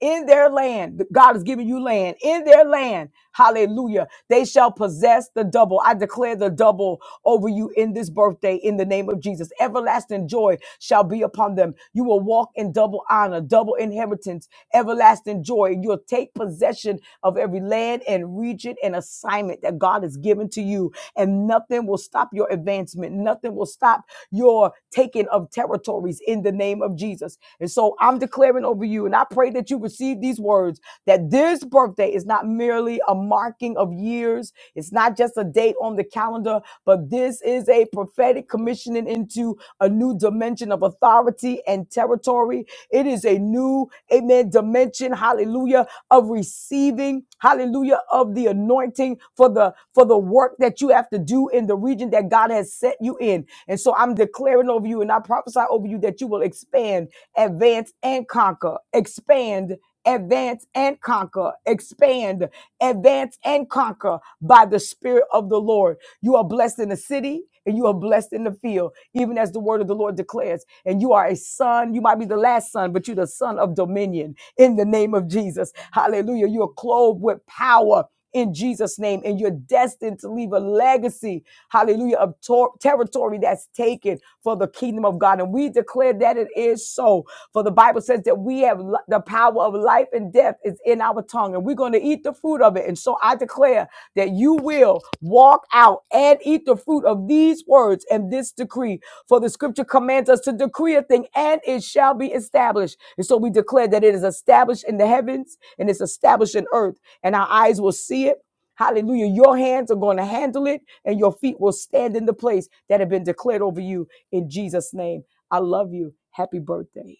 in their land. God is giving you land in their land. Hallelujah. They shall possess the double. I declare the double over you in this birthday in the name of Jesus. Everlasting joy shall be upon them. You will walk in double honor, double inheritance, everlasting joy. You'll take possession of every land and region and assignment that God has given to you, and nothing will will stop your advancement. Nothing will stop your taking of territories in the name of Jesus. And so I'm declaring over you, and I pray that you receive these words that this birthday is not merely a marking of years, it's not just a date on the calendar, but this is a prophetic commissioning into a new dimension of authority and territory. It is a new amen, dimension, hallelujah, of receiving, hallelujah, of the anointing for the for the work that you have to do in the region that God has set you in. And so I'm declaring over you and I prophesy over you that you will expand, advance, and conquer. Expand. Advance and conquer, expand, advance and conquer by the Spirit of the Lord. You are blessed in the city and you are blessed in the field, even as the word of the Lord declares. And you are a son. You might be the last son, but you're the son of dominion in the name of Jesus. Hallelujah. You are clothed with power. In Jesus' name, and you're destined to leave a legacy, hallelujah, of tor- territory that's taken for the kingdom of God. And we declare that it is so soul. For the Bible says that we have li- the power of life and death is in our tongue, and we're going to eat the fruit of it. And so I declare that you will walk out and eat the fruit of these words and this decree. For the scripture commands us to decree a thing, and it shall be established. And so we declare that it is established in the heavens and it's established in earth, and our eyes will see it. Hallelujah. Your hands are going to handle it, and your feet will stand in the place that have been declared over you in Jesus' name. I love you. Happy birthday.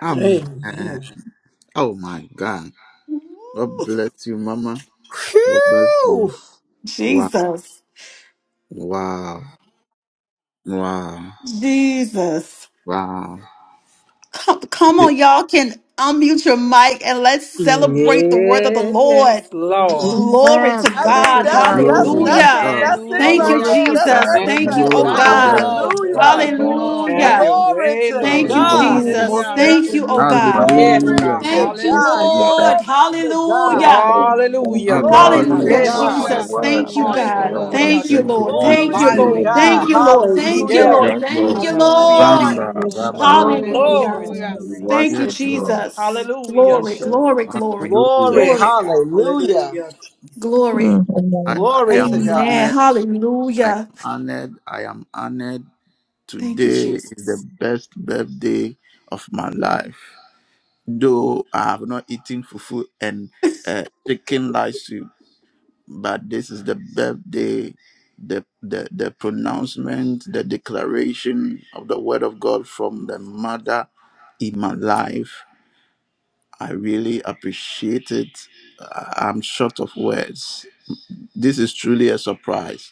Amen. Amen. Oh my God. Woo. God bless you, Mama. God bless you. Phew. Wow. Jesus. Wow. Wow. Jesus. Wow. Come, come Di- on, y'all can unmute your mic and let's celebrate the word of the Lord. Yes, Lord. Glory Amen. to I Glory mean, to God. that's God. that's Glory to Amen. that's Hallelujah, it. Hallelujah. Yes, God. That's it Lord. Thank right you, Glory hallelujah. there. to That's God. Jesus. Thank Thank you, Amen. you, Amen. oh Glory Thank to you, Lord everything. God. Amen. God. Lord. Jesus. Hallelujah. Amen. Thank you, Lord. Have Hallelujah. your Amen. Glory way, to Lord Thank you, God. God. Oh, Hallelujah. most Jesus. Hallelujah, blessed Hallelujah. Thank to you, oh you, Mama. God. Most Yes, blessed Glory God. Hallelujah. to most hallelujah, Thank you, blessed to God. you, Hallelujah, God. Lord. Glory Jesus. to God. Hallelujah. Thank Hallelujah. Hallelujah, you, God. Lord. Glory to Thank Hallelujah. Hallelujah, you, Yes, Lord, God. for God. the hallelujah. Jesus. word. Thank Glory you, to Thank you Thank you, for God. the Lord. word. Hallelujah, Thank Jesus. you, Jesus. Thank Ratababasha. Lord. I you, Move Thank Hallelujah. Glory you, Jesus. receive to mightily, it. Lord. Hallelujah, Jesus. Thank God. too. you, you, Hallelujah. Lord. Jesus. Thank you, Yes, Hallelujah. Yes, Hallelujah. Lord. Thank God. you. Thank Lord. you, Mm, Hallelujah, Lord. Bamba, Jesus. We Hallelujah. give rabada. glory, we give you Hallelujah. Glory to honor, hallelujah. your we Hallelujah. name, Katabababasharababababasa. God. Thank you, worship Yes, you, Lord. Lord. Jesus. Praise Hallelujah, Glory, Thank you, Jesus. Jesus. Lord. glory, glory, Hallelujah. Glory. glory, Yes, God. Hallelujah. Hallelujah. Mm. glory. Mm, I, Amen. I Glory am to Lord. Amen. God. honored. I am Hallelujah. honored. I am honored. Thank you, Today is the Jesus. best birthday of my life. Though I have not eaten fufu and uh, chicken rice soup, but this is the birthday, the, the, the pronouncement, the declaration of the word of God from the mother in my life. I really appreciate it. I- I'm short of words. This is truly a surprise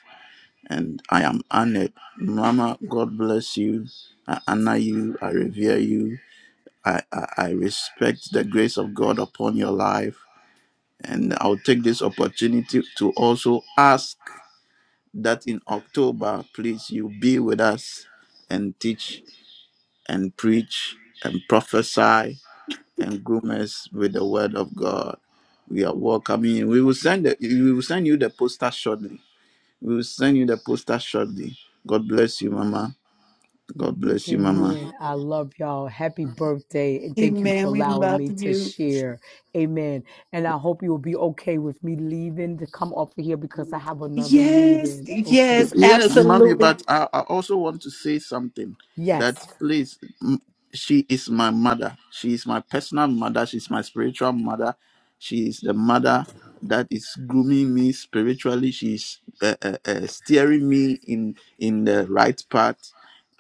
and I am honored. Mama, God bless you. I honor you. I revere you. I, I, I respect the grace of God upon your life. And I'll take this opportunity to also ask that in October, please, you be with us and teach and preach and prophesy and groom us with the word of God. We are welcoming you. We will send the, we will send you the poster shortly. We will send you the poster shortly. God bless you, Mama. God bless you, Mama. Amen. I love y'all. Happy birthday. And thank you for Amen. We allowing love me to you. share. Amen. And I hope you will be okay with me leaving to come off of here because I have another Yes, meeting. yes, Okay. Yes, Mommy, absolutely. but I, I also want to say something that Yes. please, m- she is my mother. She is my personal mother. She's my spiritual mother. She is the mother that is grooming me spiritually. She's uh, uh, uh, steering me in, in the right path.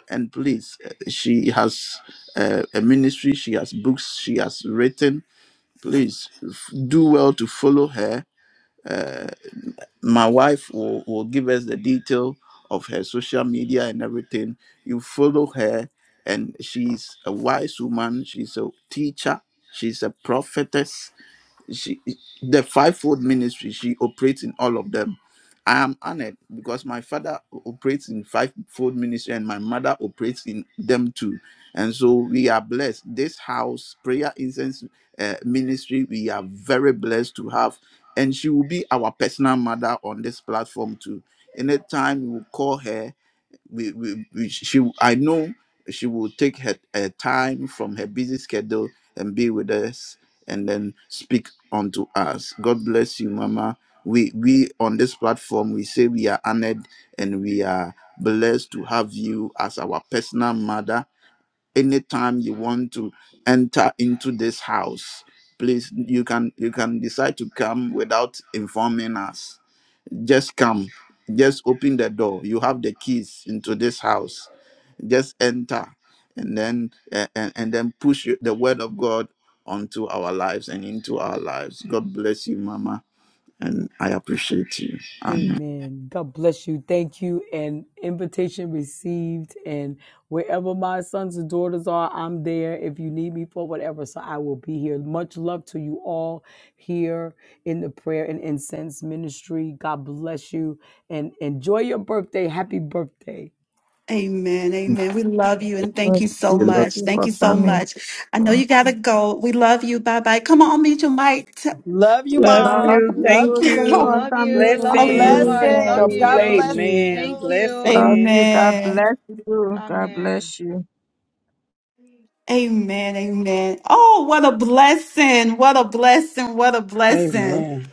And please, uh, she has uh, a ministry, she has books, she has written. Please f- do well to follow her eh, my wife will, will give us the detail of her social media and everything you follow her and she's a wise woman she's a teacher she's a prophetess she the fivefold ministry she operates in all of them i am honored because my father operates in fivefold ministry and my mother operates in them too and so we are blessed this house prayer incense uh, ministry we are very blessed to have and she will be our personal mother on this platform too anytime you call her we, we, we she I know she will take her, her time from her busy schedule and be with us and then speak unto us. God bless you, Mama. We we on this platform we say we are honored and we are blessed to have you as our personal mother. Anytime you want to enter into this house, please you can you can decide to come without informing us just come. Just open the door. You have the keys into this house. Just enter and then and, and, and then push the word of God onto our lives and into our lives. God bless you, Mama. And I appreciate you. Amen. Amen. God bless you. Thank you. And invitation received. And wherever my sons and daughters are, I'm there if you need me for whatever. So I will be here. Much love to you all here in the prayer and incense ministry. God bless you and enjoy your birthday. Happy birthday. Amen. Amen. We love you and thank Lord, you so we Thank much. you Thank for you so coming. much. I know you Thank got to you. go. We love you. Bye bye. Come on, meet your mic. T- Love you, We Love love Mom. you. Love Thank you. Thanks for you. you. Love you, coming. love you We so Blessings. much. appreciate Hallelujah. Love Blessings. God God you. you. bless bless you. Amen. Thank you. you. Love Blessings. you. God Amen. bless you. God Amen. bless you. Amen. Amen. Oh, what a blessing. What a blessing. What a blessing. Amen.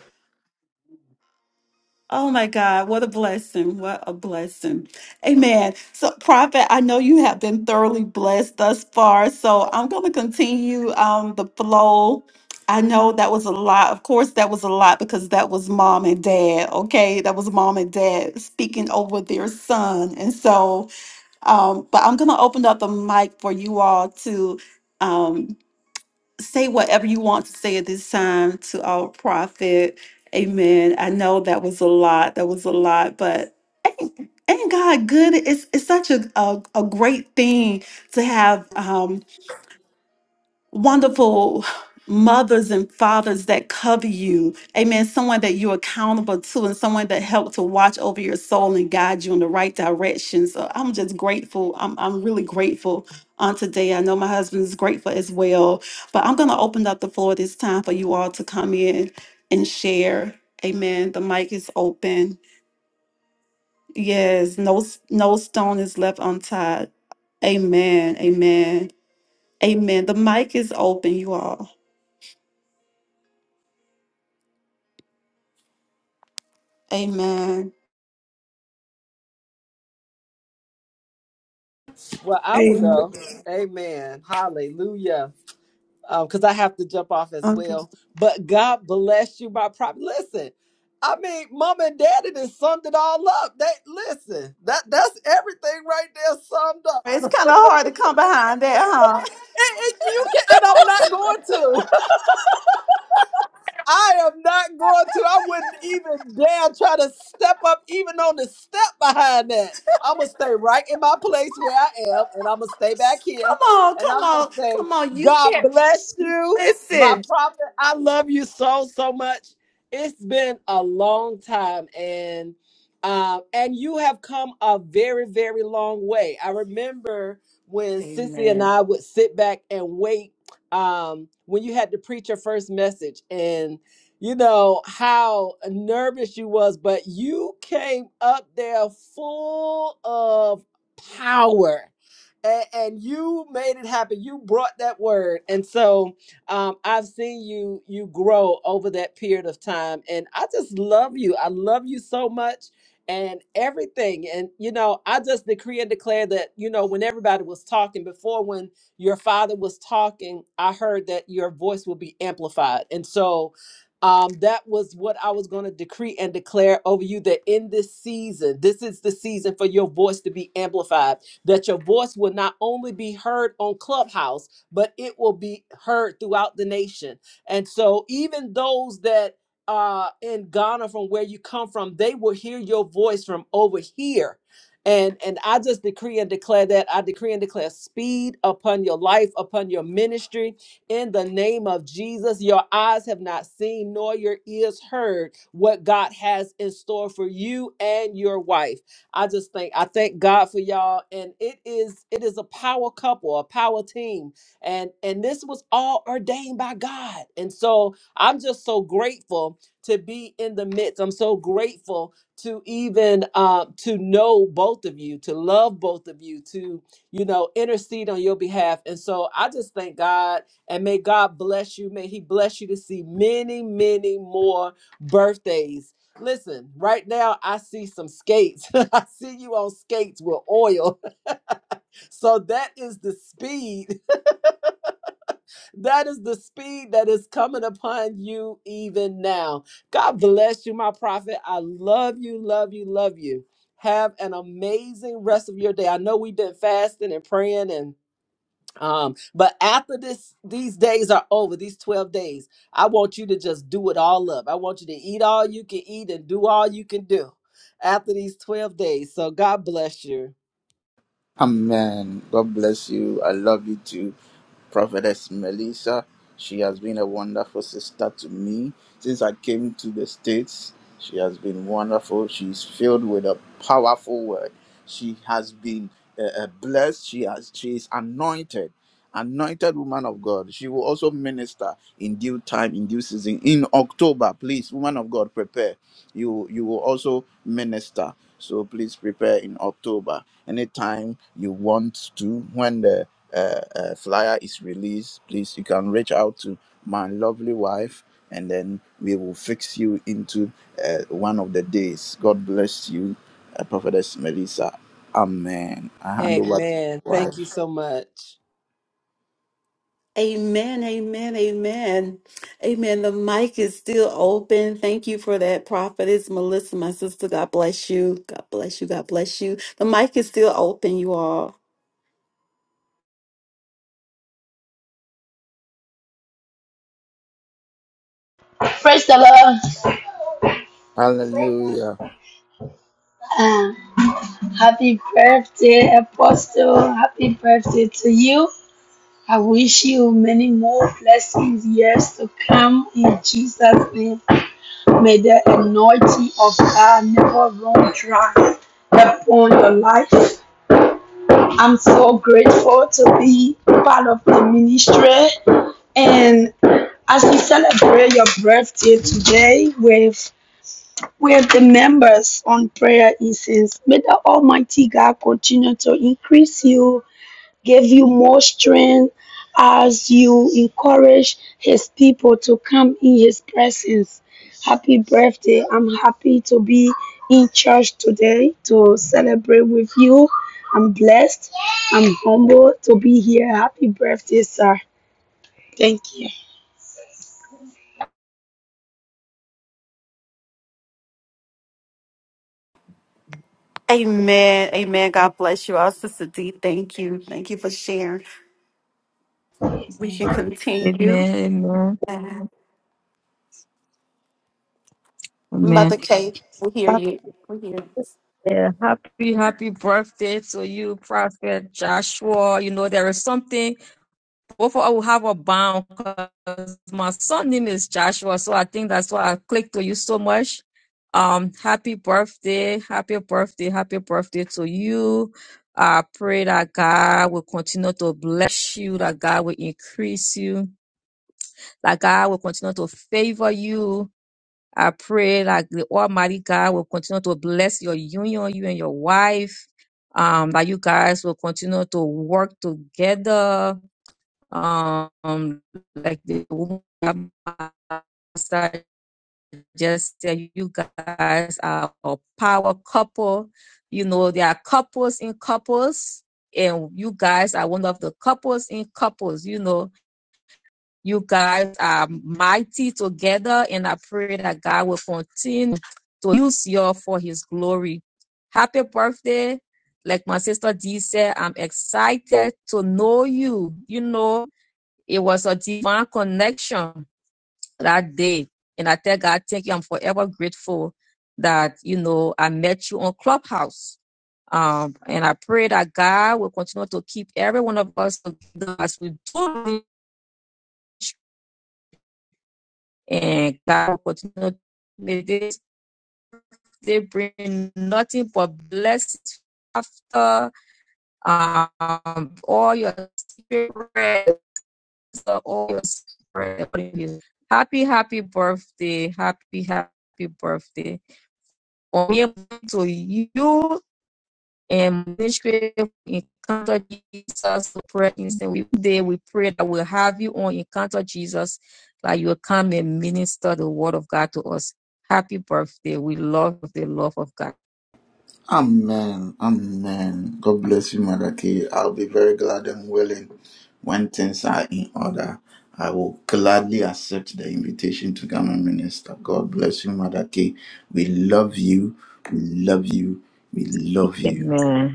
Oh my God, what a blessing. What a blessing. Amen. So, Prophet, I know you have been thoroughly blessed thus far. So, I'm going to continue um, the flow. I know that was a lot. Of course, that was a lot because that was mom and dad. Okay. That was mom and dad speaking over their son. And so, um, but I'm going to open up the mic for you all to. Um, say whatever you want to say at this time to our prophet. Amen. I know that was a lot. That was a lot, but ain't, ain't God good? It's it's such a, a, a great thing to have. Um, wonderful mothers and fathers that cover you. Amen. Someone that you're accountable to and someone that helped to watch over your soul and guide you in the right direction. So I'm just grateful. I'm, I'm really grateful on today. I know my husband is grateful as well. But I'm going to open up the floor this time for you all to come in and share. Amen. The mic is open. Yes, no s- no stone is left untied. Amen. Amen. Amen. The mic is open, you all. Amen. Well, I will Amen. go. Amen. Hallelujah. Because I have to jump off as Okay. well. But God bless you, my prop. Listen, I mean, Mom and Daddy done summed it all up. They listen. That that's everything right there summed up. Oh, and, and you can. And I'm not going to. I am not going to. I wouldn't even dare try to step up, even on the step behind that. I'm gonna stay right in my place where I am, and I'm gonna stay back here, come on, and come I'm gonna on, say, come on. You God can't bless you, my listen. prophet. I love you so so much. It's been a long time, and um, and you have come a very very long way. I remember when Sissy and Amen. I would sit back and wait um, when you had to preach your first message and you know how nervous you was but you came up there full of power and, and you made it happen you brought that word and so um, i've seen you you grow over that period of time and i just love you i love you so much and everything and you know i just decree and declare that you know when everybody was talking before when your father was talking, I heard that your voice will be amplified. And so um, that was what I was going to decree and declare over you that in this season, this is the season for your voice to be amplified, that your voice will not only be heard on Clubhouse, but it will be heard throughout the nation. And so even those that uh, in Ghana, from where you come from, they will hear your voice from over here and and I just decree and declare that I decree and declare speed upon your life, upon your ministry. In the name of Jesus, your eyes have not seen nor your ears heard what God has in store for you and your wife. I just think I thank God for y'all and it is it is a power couple, a power team. And and this was all ordained by God. And so I'm just so grateful to be in the midst. I'm so grateful to even uh, to know both of you to love both of you to you know intercede on your behalf and so i just thank god and may god bless you may he bless you to see many many more birthdays listen right now i see some skates i see you on skates with oil so that is the speed That is the speed that is coming upon you even now. God bless you, my prophet. I love you, love you, love you. Have an amazing rest of your day. I know we've been fasting and praying and um but after this these days are over these 12 days i want you to just do it all up i want you to eat all you can eat and do all you can do after these 12 days so god bless you Amen. God bless you. I love you too. Prophetess Melissa, she has been a wonderful sister to me. Since I came to the States, she has been wonderful. She's filled with a powerful word. She has been uh, uh, blessed. She has she is anointed anointed woman of God. She will also minister in due time, in due season. In October, please, woman of God, prepare. You you will also minister. So please prepare in October. Anytime you want to, when the uh, uh, flyer is released, please you can reach out to my lovely wife, and then we will fix you into uh, one of the days. God bless you, uh, Prophetess Melissa. Amen. I hand over to amen my thank wife. you so much Amen. Amen. Amen. Amen. The mic is still open. Thank you for that, prophetess Melissa, my sister. God bless you. God bless you. God bless you. The mic is still open, you all. Praise the Lord. Hallelujah. Um, happy birthday, Apostle. Happy birthday to you. I wish you many more blessings, years to come in Jesus' name. May the anointing of God never run dry upon your life. I'm so grateful to be part of the ministry. And as we celebrate your birthday today, with We're the members on prayer incense. May the Almighty God continue to increase you, give you more strength as you encourage His people to come in His presence. Happy birthday. I'm happy to be in church today to celebrate with you. I'm blessed. I'm humbled to be here. Happy birthday, sir. Thank you. Amen. Amen. God bless you all, Sister D. Thank you. Thank you for sharing. We Amen. can continue. Amen. Amen. Amen. Mother Kay, we hear Hap- you. yeah, Happy, happy birthday to you, Prophet Joshua. You know, there is something Both I will have a bound because my son name is Joshua, so I think that's why I clicked to you so much. Um, happy birthday, happy birthday, happy birthday to you. I pray that God will continue to bless you, that God will increase you, that God will continue to favor you. I pray that the Almighty God will continue to bless your union, you and your wife. Um, that you guys will continue to work together um, like the woman pastor just said, you guys are a power couple. You know, there are couples in couples, and you guys are one of the couples in couples. You know, you guys are mighty together, and I pray that God will continue to use you for His glory. Happy birthday. Like my sister D said, I'm excited to know you. You know, it was a divine connection that day. And I tell God, thank you. I'm forever grateful that, you know, I met you on Clubhouse. Um, and I pray that God will continue to keep every one of us together as we do reach, and God will continue to may this they bring nothing but blessings after um all your spirit the always happy happy birthday happy happy birthday on your to you and ministry encounter jesus prayer instant we day we pray that we'll have you on encounter jesus that you'll come and minister the word of god to us happy birthday we love the love of god Amen. Amen. God bless you, Mother K. I'll be very glad and willing when things are in order. I will gladly accept the invitation to come and minister. God bless you, Mother K. We love you. We love you. We love you. Amen.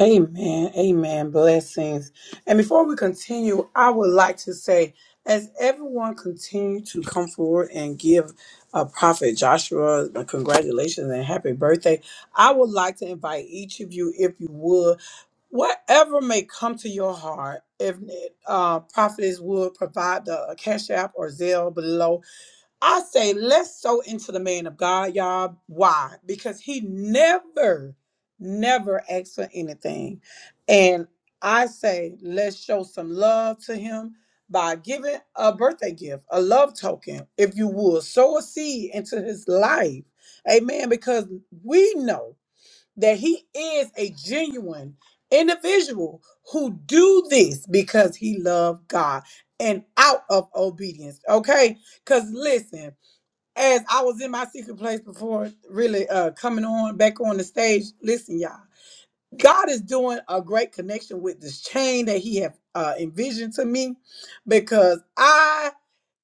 Amen. Amen. Blessings. And before we continue, I would like to say, as everyone continue to come forward and give uh, Prophet Joshua a congratulations and happy birthday, I would like to invite each of you, if you would, whatever may come to your heart, if uh, Prophetess would provide the uh, cash app or Zelle below, I say, let's sow into the man of God, y'all. Why? Because he never, never asks for anything. And I say, let's show some love to him by giving a birthday gift, a love token, if you will. Sow a seed into his life. Amen. Because we know that he is a genuine individual who do this because he loved God and out of obedience. Okay? Because listen, as I was in my secret place before really uh coming on back on the stage, listen, y'all, God is doing a great connection with this chain that He have uh envisioned to me because I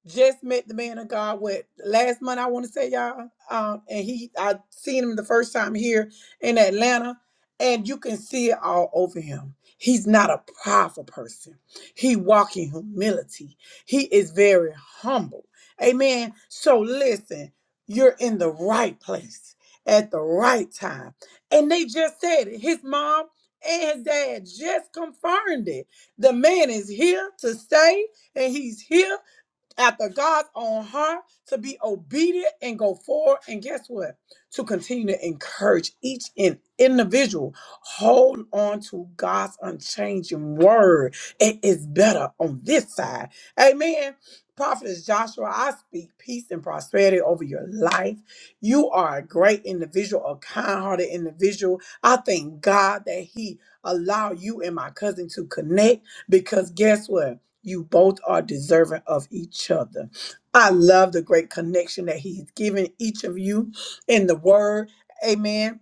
just met the man of God with last month I want to say y'all um and he I seen him the first time here in Atlanta and you can see it all over him. He's not a prideful person. He walk in humility. He is very humble. Amen. So listen, you're in the right place at the right time. And they just said it. His mom and his dad just confirmed it. The man is here to stay and he's here after God's own heart to be obedient and go forward. And guess what? To continue to encourage each in individual. Hold on to God's unchanging word. It is better on this side. Amen. Prophet is Joshua, I speak peace and prosperity over your life. You are a great individual, a kind-hearted individual. I thank God that He allowed you and my cousin to connect because guess what? You both are deserving of each other. I love the great connection that He's given each of you in the Word. Amen.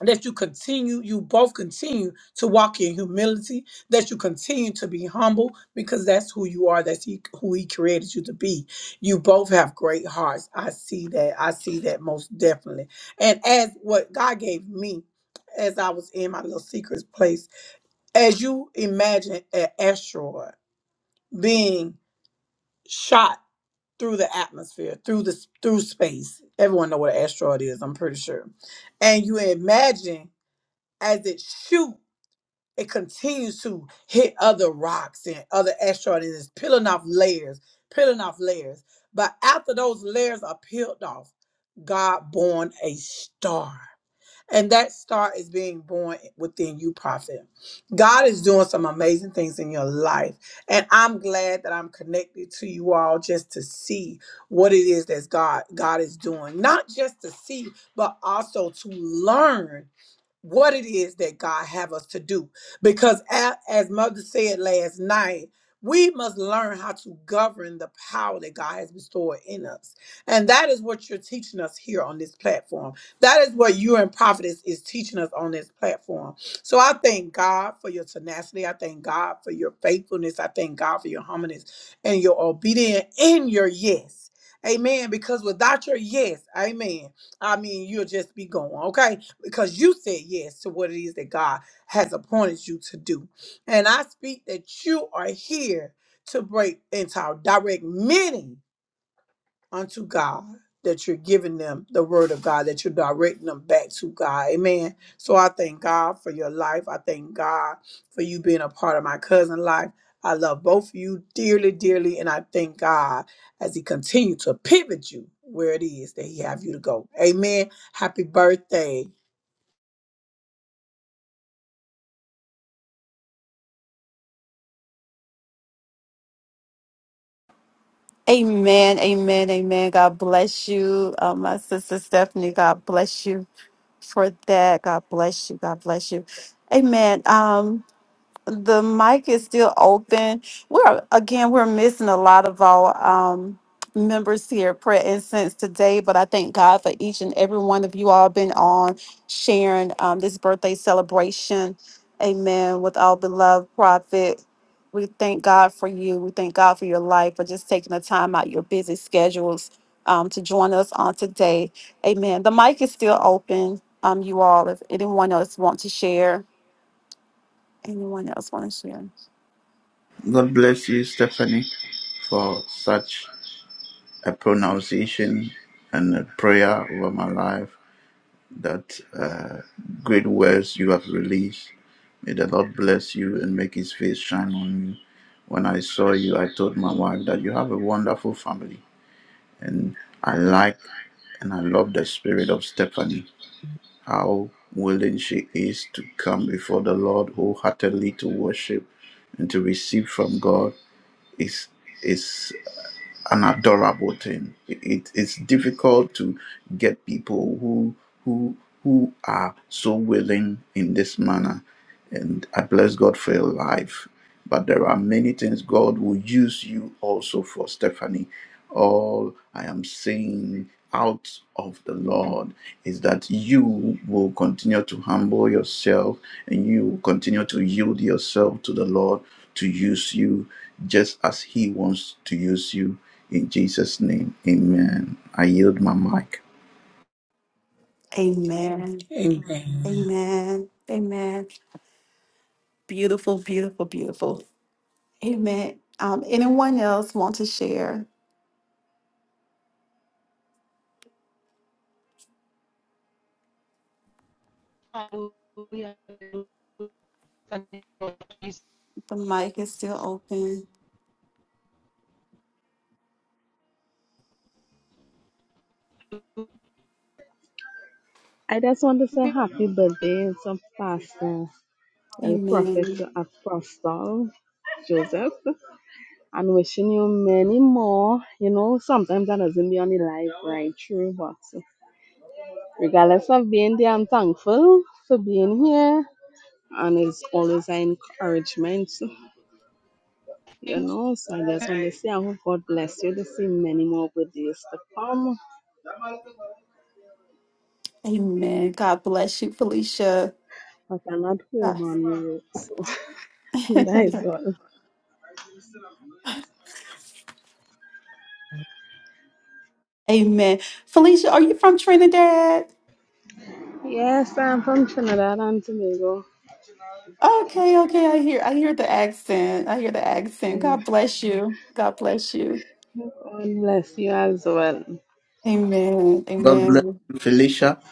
That you continue, you both continue to walk in humility, that you continue to be humble because that's who you are, that's he, who He created you to be. You both have great hearts. I see that. I see that most definitely. And as what God gave me, as I was in my little secret place, as you imagine an asteroid being shot through the atmosphere, through the through space. Everyone know what an asteroid is, I'm pretty sure. And you imagine as it shoot, it continues to hit other rocks and other asteroids, and it's peeling off layers, peeling off layers. But after those layers are peeled off, God born a star. And that star is being born within you, prophet. God is doing some amazing things in your life. And I'm glad that I'm connected to you all just to see what it is that God God is doing. Not just to see, but also to learn what it is that God have us to do. Because a- as Mother said last night, we must learn how to govern the power that God has bestowed in us. And that is what you're teaching us here on this platform. That is what you and Prophetess is teaching us on this platform. So I thank God for your tenacity. I thank God for your faithfulness. I thank God for your humbleness and your obedience and your yes. Amen. Because without your yes, amen, I mean, you'll just be going, okay? because you said yes to what it is that God has appointed you to do. And I speak that you are here to break into our direct many unto God. That you're giving them the word of God, that you're directing them back to God. Amen. So I thank God for your life. I thank God for you being a part of my cousin life. I love both of you dearly, dearly, and I thank God as He continues to pivot you where it is that He have you to go. Amen. Happy birthday. Amen, amen, amen. God bless you, uh, my sister Stephanie. God bless you for that. God bless you. God bless you. Amen. Um, the mic is still open. We're again, we're missing a lot of our um members here at Prayer Incense today, but I thank God for each and every one of you all been on sharing um this birthday celebration. Amen. With our beloved prophet. We thank God for you. We thank God for your life for just taking the time out your busy schedules um to join us on today. Amen. The mic is still open. Um, you all, if anyone else want to share, anyone else want to share? God bless you, Stephanie, for such a pronunciation and a prayer over my life. that uh, great words you have released. May the Lord bless you and make his face shine on you. When I saw you, I told my wife that you have a wonderful family. And I like and I love the spirit of Stephanie, how willing she is to come before the Lord wholeheartedly to worship and to receive from God is is an adorable thing. It, it's difficult to get people who who who are so willing in this manner, and I bless God for your life. But there are many things God will use you also for, Stephanie. All I am saying out of the Lord is that you will continue to humble yourself and you will continue to yield yourself to the Lord to use you just as He wants to use you. In Jesus' name, amen. I yield my mic. Amen. Amen. Amen. Amen. Beautiful, beautiful, beautiful. Amen. Um, anyone else want to share? The mic is still open. I just want to say happy birthday to Pastor well, Prophet Amen. Apostle Joseph and wishing you many more. You know, sometimes that doesn't be on the life right through, but regardless of being there, I'm thankful for being here. And it's always an encouragement, you know. So I just want to say, I hope God bless you to see many more birthdays to come. Amen. God bless you, Felicia. I cannot God- home on you, so that is all. Amen. Felicia, are you from Trinidad? Yes, I'm from Trinidad and Tobago. Okay, okay. I hear I hear the accent. I hear the accent. Yeah. God bless you. God bless you. God bless you as well. Amen. God bless Amen. you, Felicia.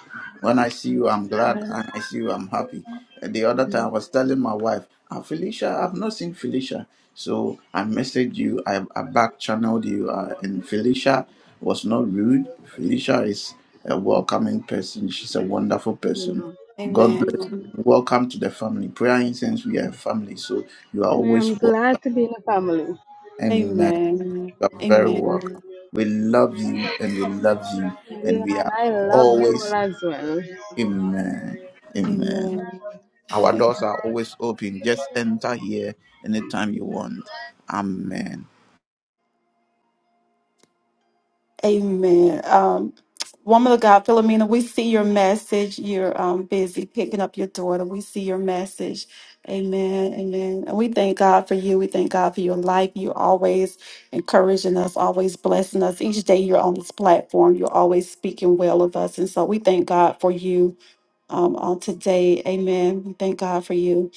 When I see you, I'm glad, You and I see you, I'm happy. Uh, The other time, I was telling my wife, "Ah, Felicia, I've not seen Felicia. So I messaged you, I, I back channeled you, uh, and Felicia was not rude. Felicia is a welcoming person, she's a wonderful person. know. God bless Amen. you. Welcome to the family. Prayer Incense, we are a family, so you are And always I'm welcome. glad to be in a family. Amen. Amen. You're very Amen. welcome. We love you and we love you and Yeah, we and are I love you all always as well. Amen. Amen. Amen. Our doors are always open. Just enter here anytime you want. Amen. Amen. Um, woman of God, Philomena, we see your message. You're um, busy picking up your daughter. We see your message. Amen. Amen. And we thank God for you. We thank God for your life. You're always encouraging us, always blessing us. Each day you're on this platform, you're always speaking well of us. And so we thank God for you um, on today. Amen. We thank God for you.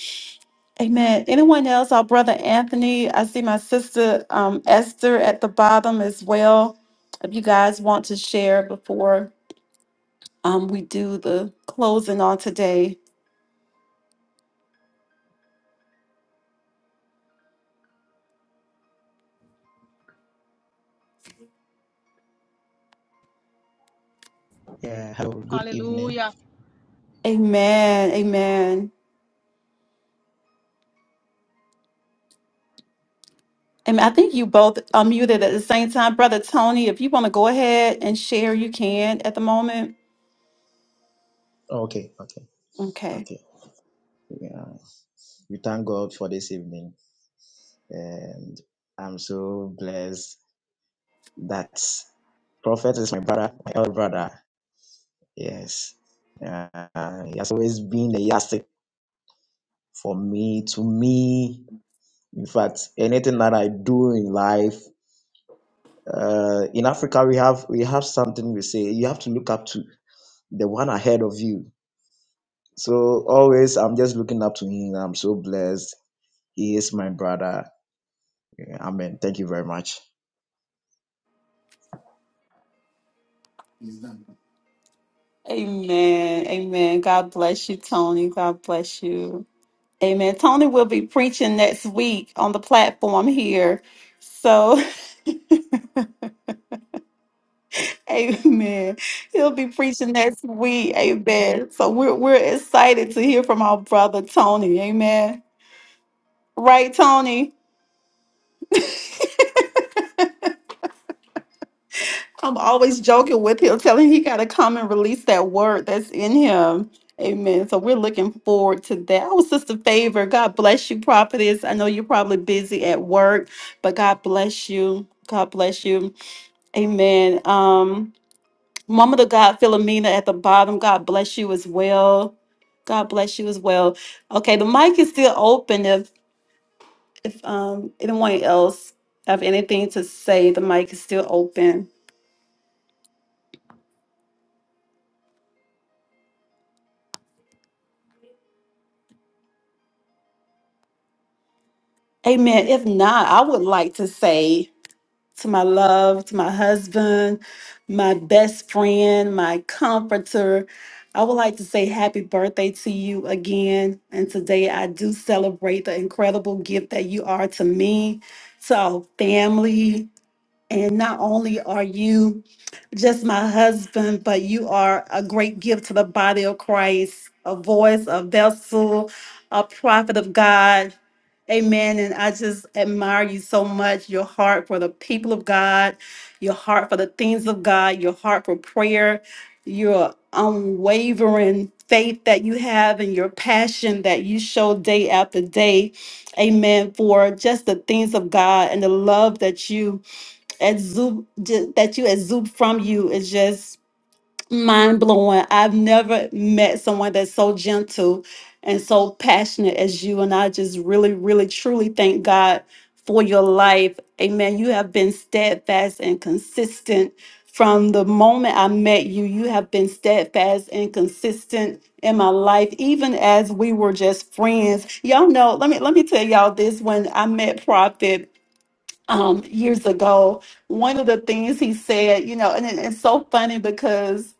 Amen. Anyone else? Our brother Anthony. I see my sister um, Esther at the bottom as well. If you guys want to share before um, we do the closing on today. Yeah, hello, good evening. Hallelujah, Amen. Amen. And I think you both unmuted at the same time. Brother Tony, if you want to go ahead and share, you can at the moment. Oh, Okay, okay, Okay. okay. Yeah, we thank God for this evening, and I'm so blessed that Prophet is my brother, my elder brother. Yes, uh, he has always been a yardstick for me. To me, in fact, anything that I do in life, uh, in Africa, we have we have something we say you have to look up to the one ahead of you. So always, I'm just looking up to him. I'm so blessed He is my brother. Yeah, Amen. Thank you very much. Amen. Amen. God bless you, Tony. God bless you. Amen. Tony will be preaching next week on the platform here. So Amen. He'll be preaching next week. Amen. So we're we're excited to hear from our brother Tony. Amen. Right, Tony? I'm always joking with him, telling he gotta come and release that word that's in him. Amen. So we're looking forward to that. Oh, Sister Favor, God bless you, prophetess. I know you're probably busy at work, but God bless you. God bless you. Amen. Um, Mama to God, Philomena at the bottom. God bless you as well. God bless you as well. Okay, the mic is still open. If if um anyone else have anything to say, the mic is still open. Amen. If not, I would like to say to my love, to my husband, my best friend, my comforter, I would like to say happy birthday to you again. And today I do celebrate the incredible gift that you are to me to our family, And not only are you just my husband, but you are a great gift to the body of Christ, a voice, a vessel, a prophet of God. Amen. And I just admire you so much your heart for the people of God, your heart for the things of God, your heart for prayer, your unwavering faith that you have, and your passion that you show day after day. Amen. For just the things of God and the love that you exude ju- that you exude from you is just mind blowing. I've never met someone that's so gentle and so passionate as you. And I just really, really, truly thank God for your life. Amen. You have been steadfast and consistent from the moment I met you. You have been steadfast and consistent in my life, even as we were just friends. Y'all know, let me let me tell y'all this when I met Prophet um, years ago, one of the things he said, you know, and it- it's so funny because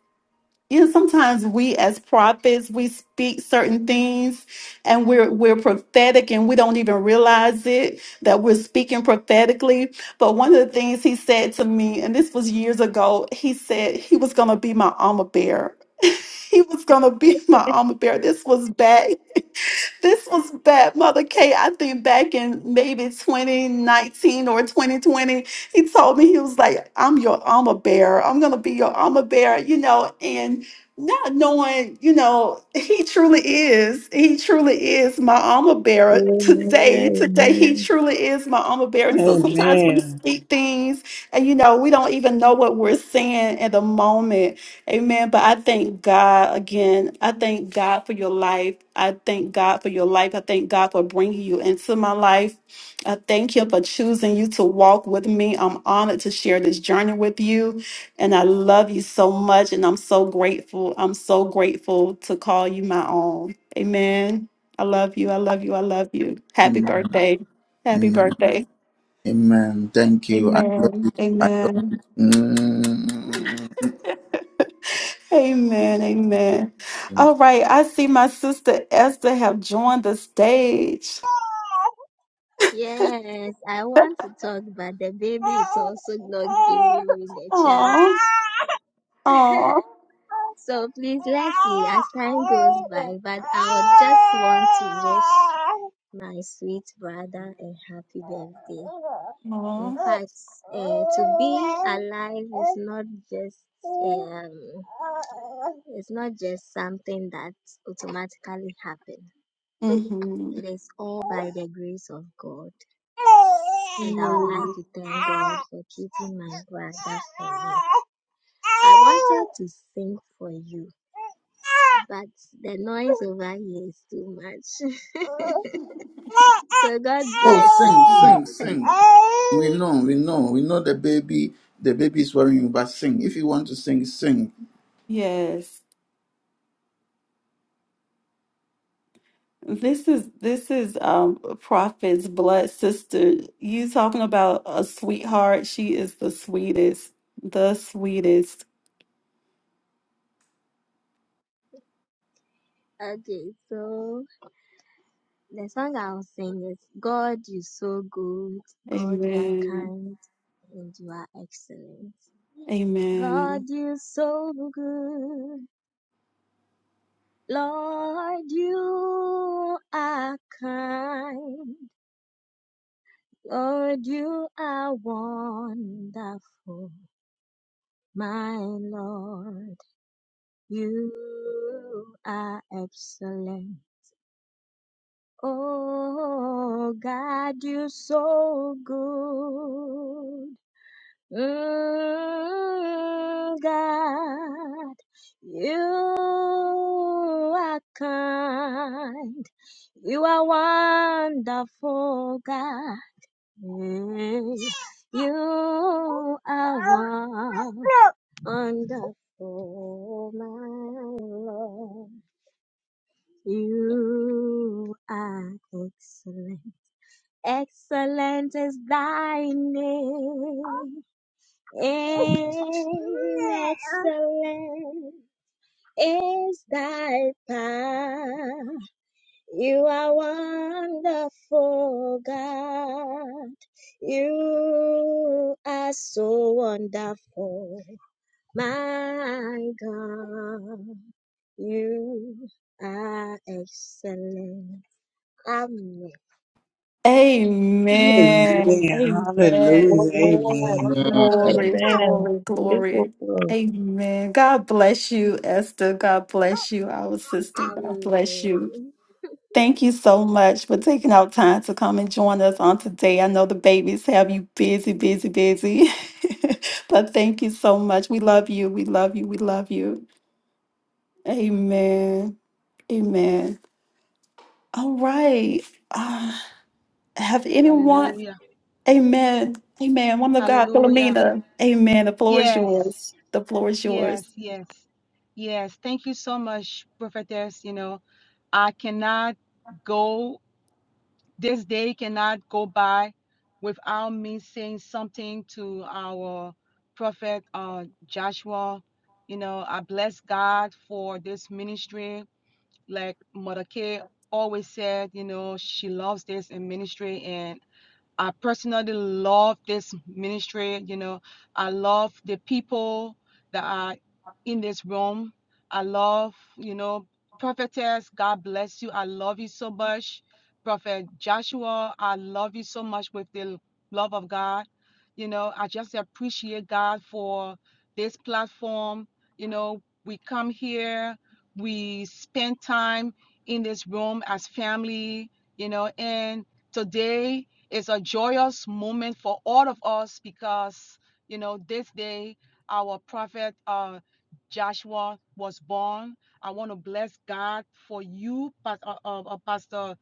you know sometimes we as prophets we speak certain things and we're we're prophetic and we don't even realize it that we're speaking prophetically but one of the things he said to me and this was years ago he said he was going to be my armor bearer he was going to be my armor bearer this was back this was bad, Mother Kay. I think back in maybe 2019 or 2020, he told me he was like, I'm your armor bearer. I'm gonna be your armor bearer, you know, and not knowing, you know, he truly is. He truly is my armor bearer today. Amen. Today, he truly is my armor bearer. And so sometimes we Amen. speak things and you know, we don't even know what we're saying in the moment Amen. But I thank God again. I thank God for your life. I thank God for your life. I thank God for bringing you into my life. I thank Him for choosing you to walk with me. I'm honored to share this journey with you. And I love you so much. And I'm so grateful. I'm so grateful to call you my own. Amen. I love you. I love you. I love you. Happy Amen. birthday. Happy Amen. birthday. Amen. Thank you. I love you. Amen. too. I Amen. love Amen, amen. you. All right, I see my sister Esther have joined the stage. Yes, I want to talk, but the baby is also not giving me the chance. Oh, oh, So please let me, as time goes by, but I would just want to wish my sweet brother a happy birthday. In oh. fact, uh, to be alive is not just um, it's not just something that automatically happens. Mm-hmm. It is all by the grace of God. And I would like Amen. to thank God for keeping my brother for me. I wanted to sing for you, but the noise over here is too much. so God bless Oh, sing, you. sing, sing. We know, we know, we know the baby. The baby is worrying, but sing. If you want to sing, sing. Yes, this is this is um Prophet's blood sister. You talking about a sweetheart? She is the sweetest, the sweetest. Okay, so the song I'll sing is God, you're so good. God, you are Amen. kind and you are excellent. God, Amen. you're so good. Lord, you are kind. Lord, you are wonderful, my Lord. You are excellent. Oh God, you are so good. Mm, God, you are kind. You are wonderful, God. Mm, You are wonderful, my Lord. You are excellent. Excellent is thy name and excellent is thy power. You are wonderful, God. You are so wonderful, my God. You are excellent. Amen. Amen. Amen. Amen. Amen. Hallelujah. Amen. Amen. Glory, Amen. glory, Beautiful glory. prayer. Amen. God bless you, Esther. God bless you, our sister. God bless you. Amen. Thank you so much for taking out time to come and join us on today. I know the babies have you busy, busy, busy. but thank you so much. We love you. We love you. We love you. Amen. Amen. All right. Uh, have anyone? hallelujah. Amen. Amen. Woman of God, Hallelujah. Philomena. Amen. The floor is Yes, yours. The floor is yours. yes, yes, yes. Thank you so much, prophetess. You know, I cannot go, this day cannot go by without me saying something to our prophet uh, Joshua. You know, I bless God for this ministry. Like Mother Kay always said, you know, she loves this in ministry. and I personally love this ministry. You know, I love the people that are in this room. I love, you know, prophetess. God bless you. I love you so much. Prophet Joshua, I love you so much with the love of God. You know, I just appreciate God for this platform. You know, we come here, we spend time in this room as family, you know, and today it's a joyous moment for all of us because, you know, this day our prophet uh, Joshua was born. I want to bless God for you, Pas- uh, uh, uh, Pastor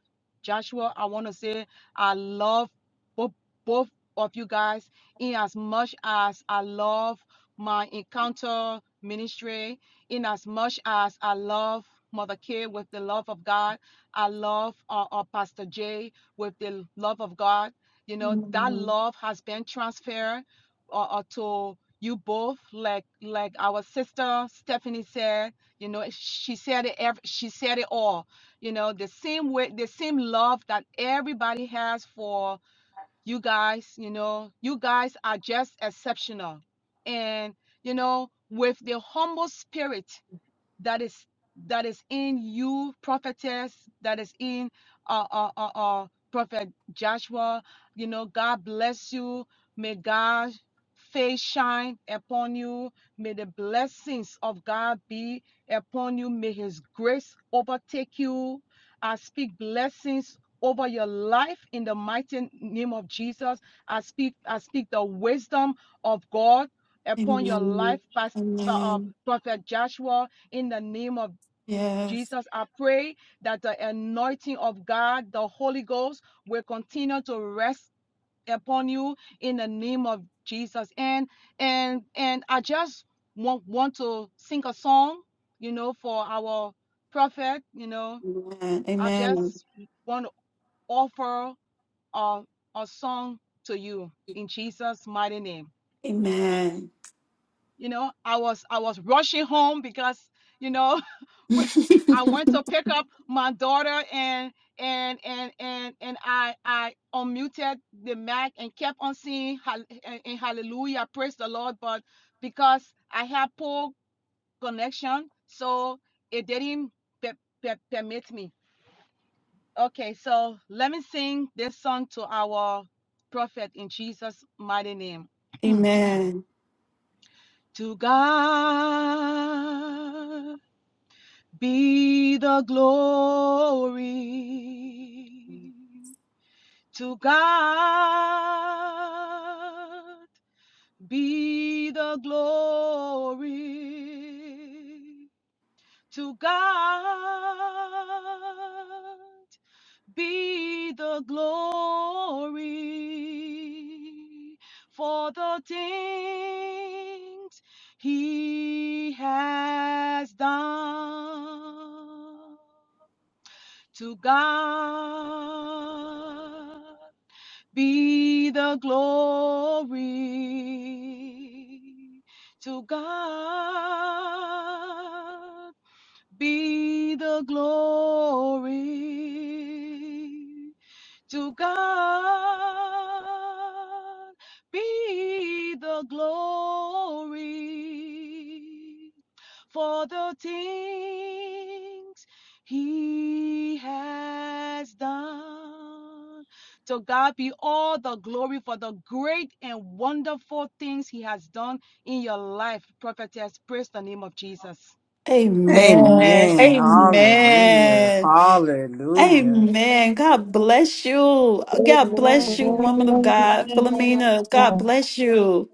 Joshua. I want to say I love both, both of you guys in as much as I love my encounter ministry, in as much as I love Mother K with the love of God. I love uh, uh, Pastor J with the love of God. You know, that love has been transferred uh, uh, to you both. Like like our sister Stephanie said, you know, she said it. Every, she said it all. You know, the same way, the same love that everybody has for you guys. You know, you guys are just exceptional, and you know, with the humble spirit that is that is in you, prophetess, that is in uh uh uh, uh prophet Joshua. You know, God bless you. May God's face shine upon you. May the blessings of God be upon you. May his grace overtake you. I speak blessings over your life in the mighty name of Jesus. I speak I speak the wisdom of God upon your Amen. life, Pastor, uh, uh, Amen. Prophet Joshua in the name of Yes. Jesus, I pray that the anointing of God, the Holy Ghost, will continue to rest upon you in the name of Jesus. And and and I just want want to sing a song, you know, for our prophet. You know, Amen. I Amen. just want to offer a a song to you in Jesus' mighty name. Amen. you know i was i was rushing home because you know i went to pick up my daughter and and and and and i i unmuted the mic and kept on singing hal- eh, eh, hallelujah praise the lord but because i had poor connection so it didn't per- per- permit me okay so let me sing this song to our prophet in jesus mighty name Amen. to god be the glory to God. Be the glory to God. Be the glory for the things He has done. To God be the glory. To God be the glory. To God be the glory for the things he has done. To God be all the glory for the great and wonderful things he has done in your life, prophetess. Praise the name of Jesus. Amen. Amen. Hallelujah. Amen. Hallelujah. Amen. God bless you. God bless you, Hallelujah. woman of Amen. God. Philomena, God bless you.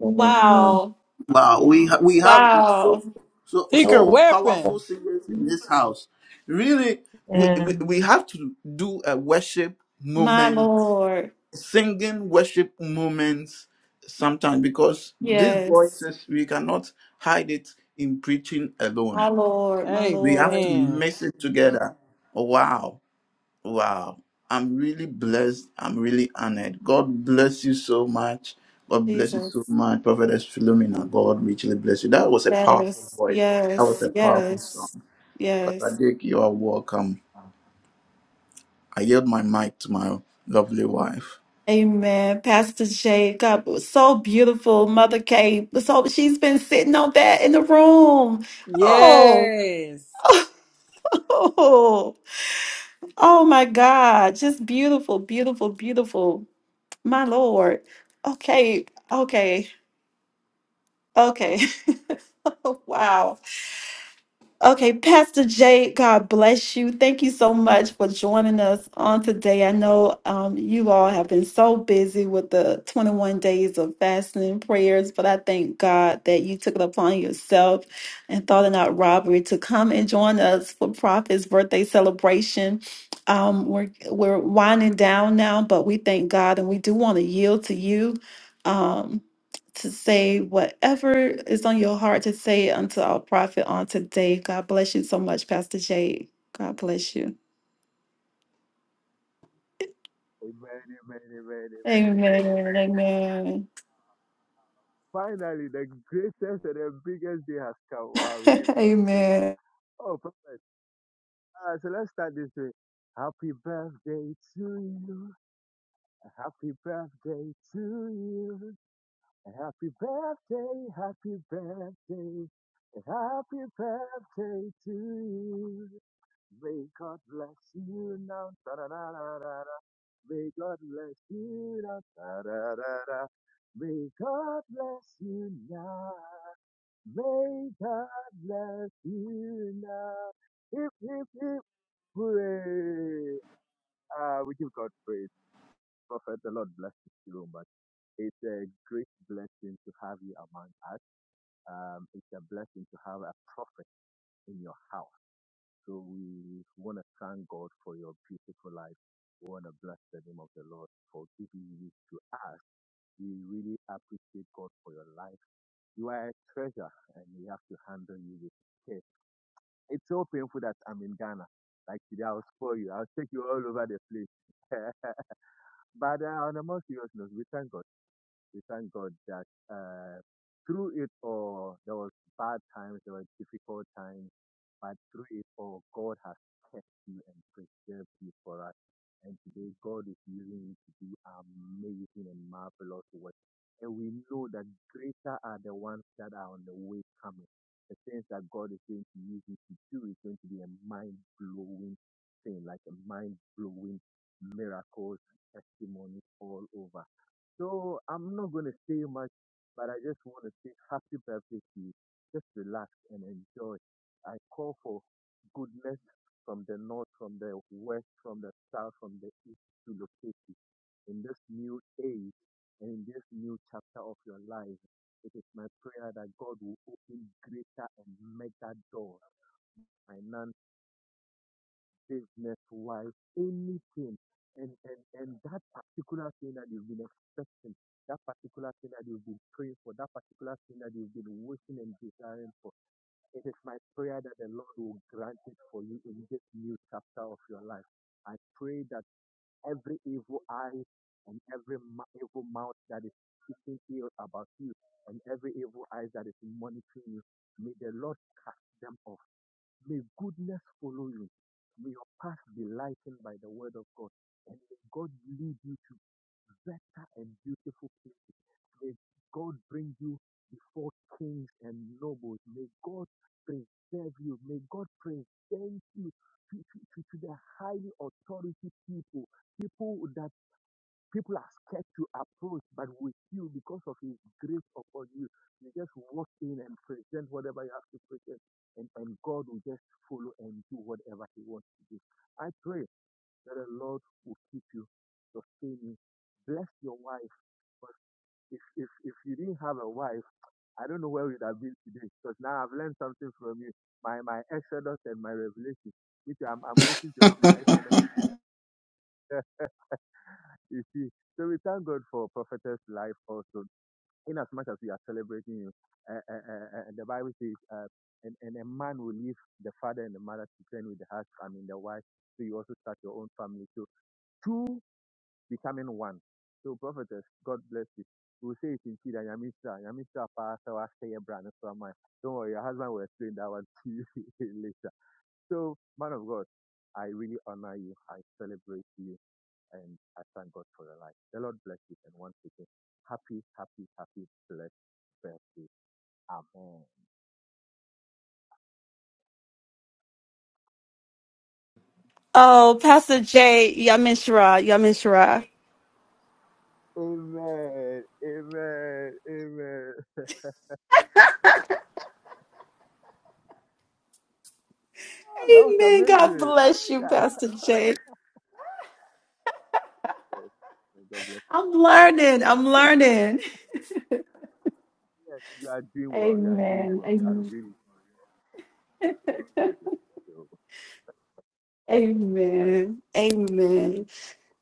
Amen. Wow. Wow, we ha- we have Wow. so so Secret so powerful weapon. singers in this house. Really, we, we Amen. we have to do a worship My moment, Lord. singing worship moments sometimes because these Yes. voices we cannot hide it in preaching My alone. Lord. My We have Lord. to Amen. mix it together. Wow. Wow. I'm really blessed. I'm really honored. God bless you so much. God bless you Jesus. so much. Prophetess Philomena, God richly bless you. That was a powerful Yes. voice. That was Yes. a powerful song. Yes. Pastor Yes. Dick, you are welcome. I yield my mic to my lovely wife. Amen. Pastor Jay, God, it was so beautiful. Mother Kay, so she's been sitting on that in the room. Oh, Yes. oh, oh my God. Just beautiful, beautiful, beautiful. My Lord. Okay. Okay. Okay. wow. Okay, Pastor Jay, God bless you. Thank you so much for joining us on today. I know um, you all have been so busy with the 21 days of fasting and prayers, but I thank God that you took it upon yourself and thought it not robbery to come and join us for Prophet's birthday celebration. Um, we're we're winding down now, but we thank God and we do want to yield to you. Um, to say whatever is on your heart to say unto our prophet on today. God bless you so much, Pastor Jay. God bless you. Amen, amen, amen, amen, amen. Amen. Finally, the greatest and the biggest day has come. Wow, we give God praise. Amen. Oh, perfect. Uh, so let's start this way. Happy birthday to you. Happy birthday to you. Happy birthday, happy birthday. Happy birthday to you. May God bless you now. Da-da-da-da-da-da. May God bless you now. Da, da, da, da. May God bless you now. May God bless you now. If, if, if, hooray. Uh, we give God praise. Prophet, the Lord bless you so much. It's a great blessing to have you among us. Um, it's a blessing to have a prophet in your house. So we want to thank God for your beautiful life. We want to bless the name of the Lord for giving you to us We really appreciate God for your life. You are a treasure and we have to handle you with care. It's so painful that I'm in Ghana. Like today, I'll spoil you. I'll take you all over the place. but uh, on a more serious note, we thank God. We thank God that uh, through it all, there was bad times, there were difficult times, but through it all, God has kept you and preserved you for us. And today, God is using you to do amazing and marvelous work. And we know that greater are the ones that are on the way coming. The things that God is going to use you to do is going to be a mind-blowing thing, like a mind-blowing miracles, and testimonies all over. So I'm not going to say much, but I just want to say happy birthday to you. Just relax and enjoy. I call for goodness from the north, from the west, from the south, from the east to locate you in this new age and in this new chapter of your life. It is my prayer that God will open greater and mega doors, financial business wise, anything. And, and, and that particular thing that you've been expecting, that particular thing that you've been praying for, that particular thing that you've been wishing and desiring for, it is my prayer that the Lord will grant it for you in this new chapter of your life. I pray that every evil eye and every ma- evil mouth that is speaking ill about you and every evil eye that is monitoring you, may the Lord cast them off May goodness follow you. May your path be lightened by the word of God. And may God lead you to better and beautiful places. May God bring you before kings and nobles. May God preserve you. May God present you to, to, to the highly authority people, people that People are scared to approach, but with you, because of His grace upon you, you just walk in and present whatever you have to present, and, and God will just follow and do whatever He wants to do. I pray that the Lord will keep you, sustain you, bless your wife. But if, if, if you didn't have a wife, I don't know where we'd have been today because now I've learned something from you. My my Exodus and my Revelation, which I'm I'm waiting to have my Exodus. you see, so we thank God for prophetess life also. in as much as we are celebrating you. Uh, uh, uh, uh, the Bible says, uh, and, and a man will leave the father and the mother to turn with the husband, I mean the wife. So you also start your own family. So two becoming one. So prophetess, God bless you. We say it in Chida, Yamistra, Yamistra Pastor, Ashtay, Brand, and so am I. Don't worry, your husband will explain that one to you later. So, man of God, I really honor you. I celebrate you and I thank God for your life. The Lord bless you. And once again, happy, happy, happy, blessed birthday. Amen. Oh, Pastor Jay, Yamin Shara, Yamin Shara. Amen. Amen. Amen. Ah, that was Amen. God amazing. I bless like you, that. Pastor Jay. Yes. May God bless I'm you. God bless learning. I'm learning. you. Yes, you are doing well. You are doing Amen. well. You are Amen. really doing well. God bless you. So, Amen. Amen.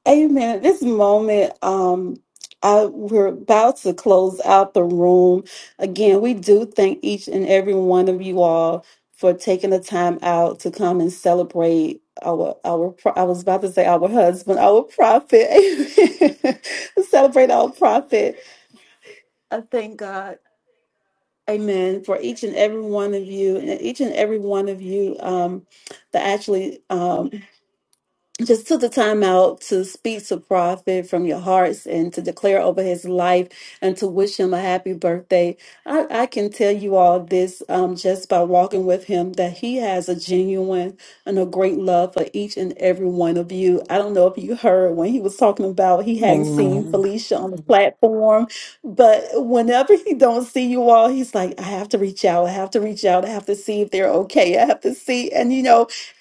Amen. At this moment, um, I, we're about to close out the room. Again, we do thank each and every one of you all for taking the time out to come and celebrate our our. pro- I was about to say our husband, our prophet. Amen. celebrate our prophet. I thank God. Amen. For each and every one of you, and each and every one of you um, that actually. um just took the time out to speak to Prophet from your hearts and to declare over his life and to wish him a happy birthday. I, I can tell you all this um, just by walking with him that he has a genuine and a great love for each and every one of you. I don't know if you heard when he was talking about he hadn't seen Amen. Felicia on the platform, but whenever he don't see you all, he's like, I have to reach out. I have to reach out. I have to see if they're okay. I have to see. And you know,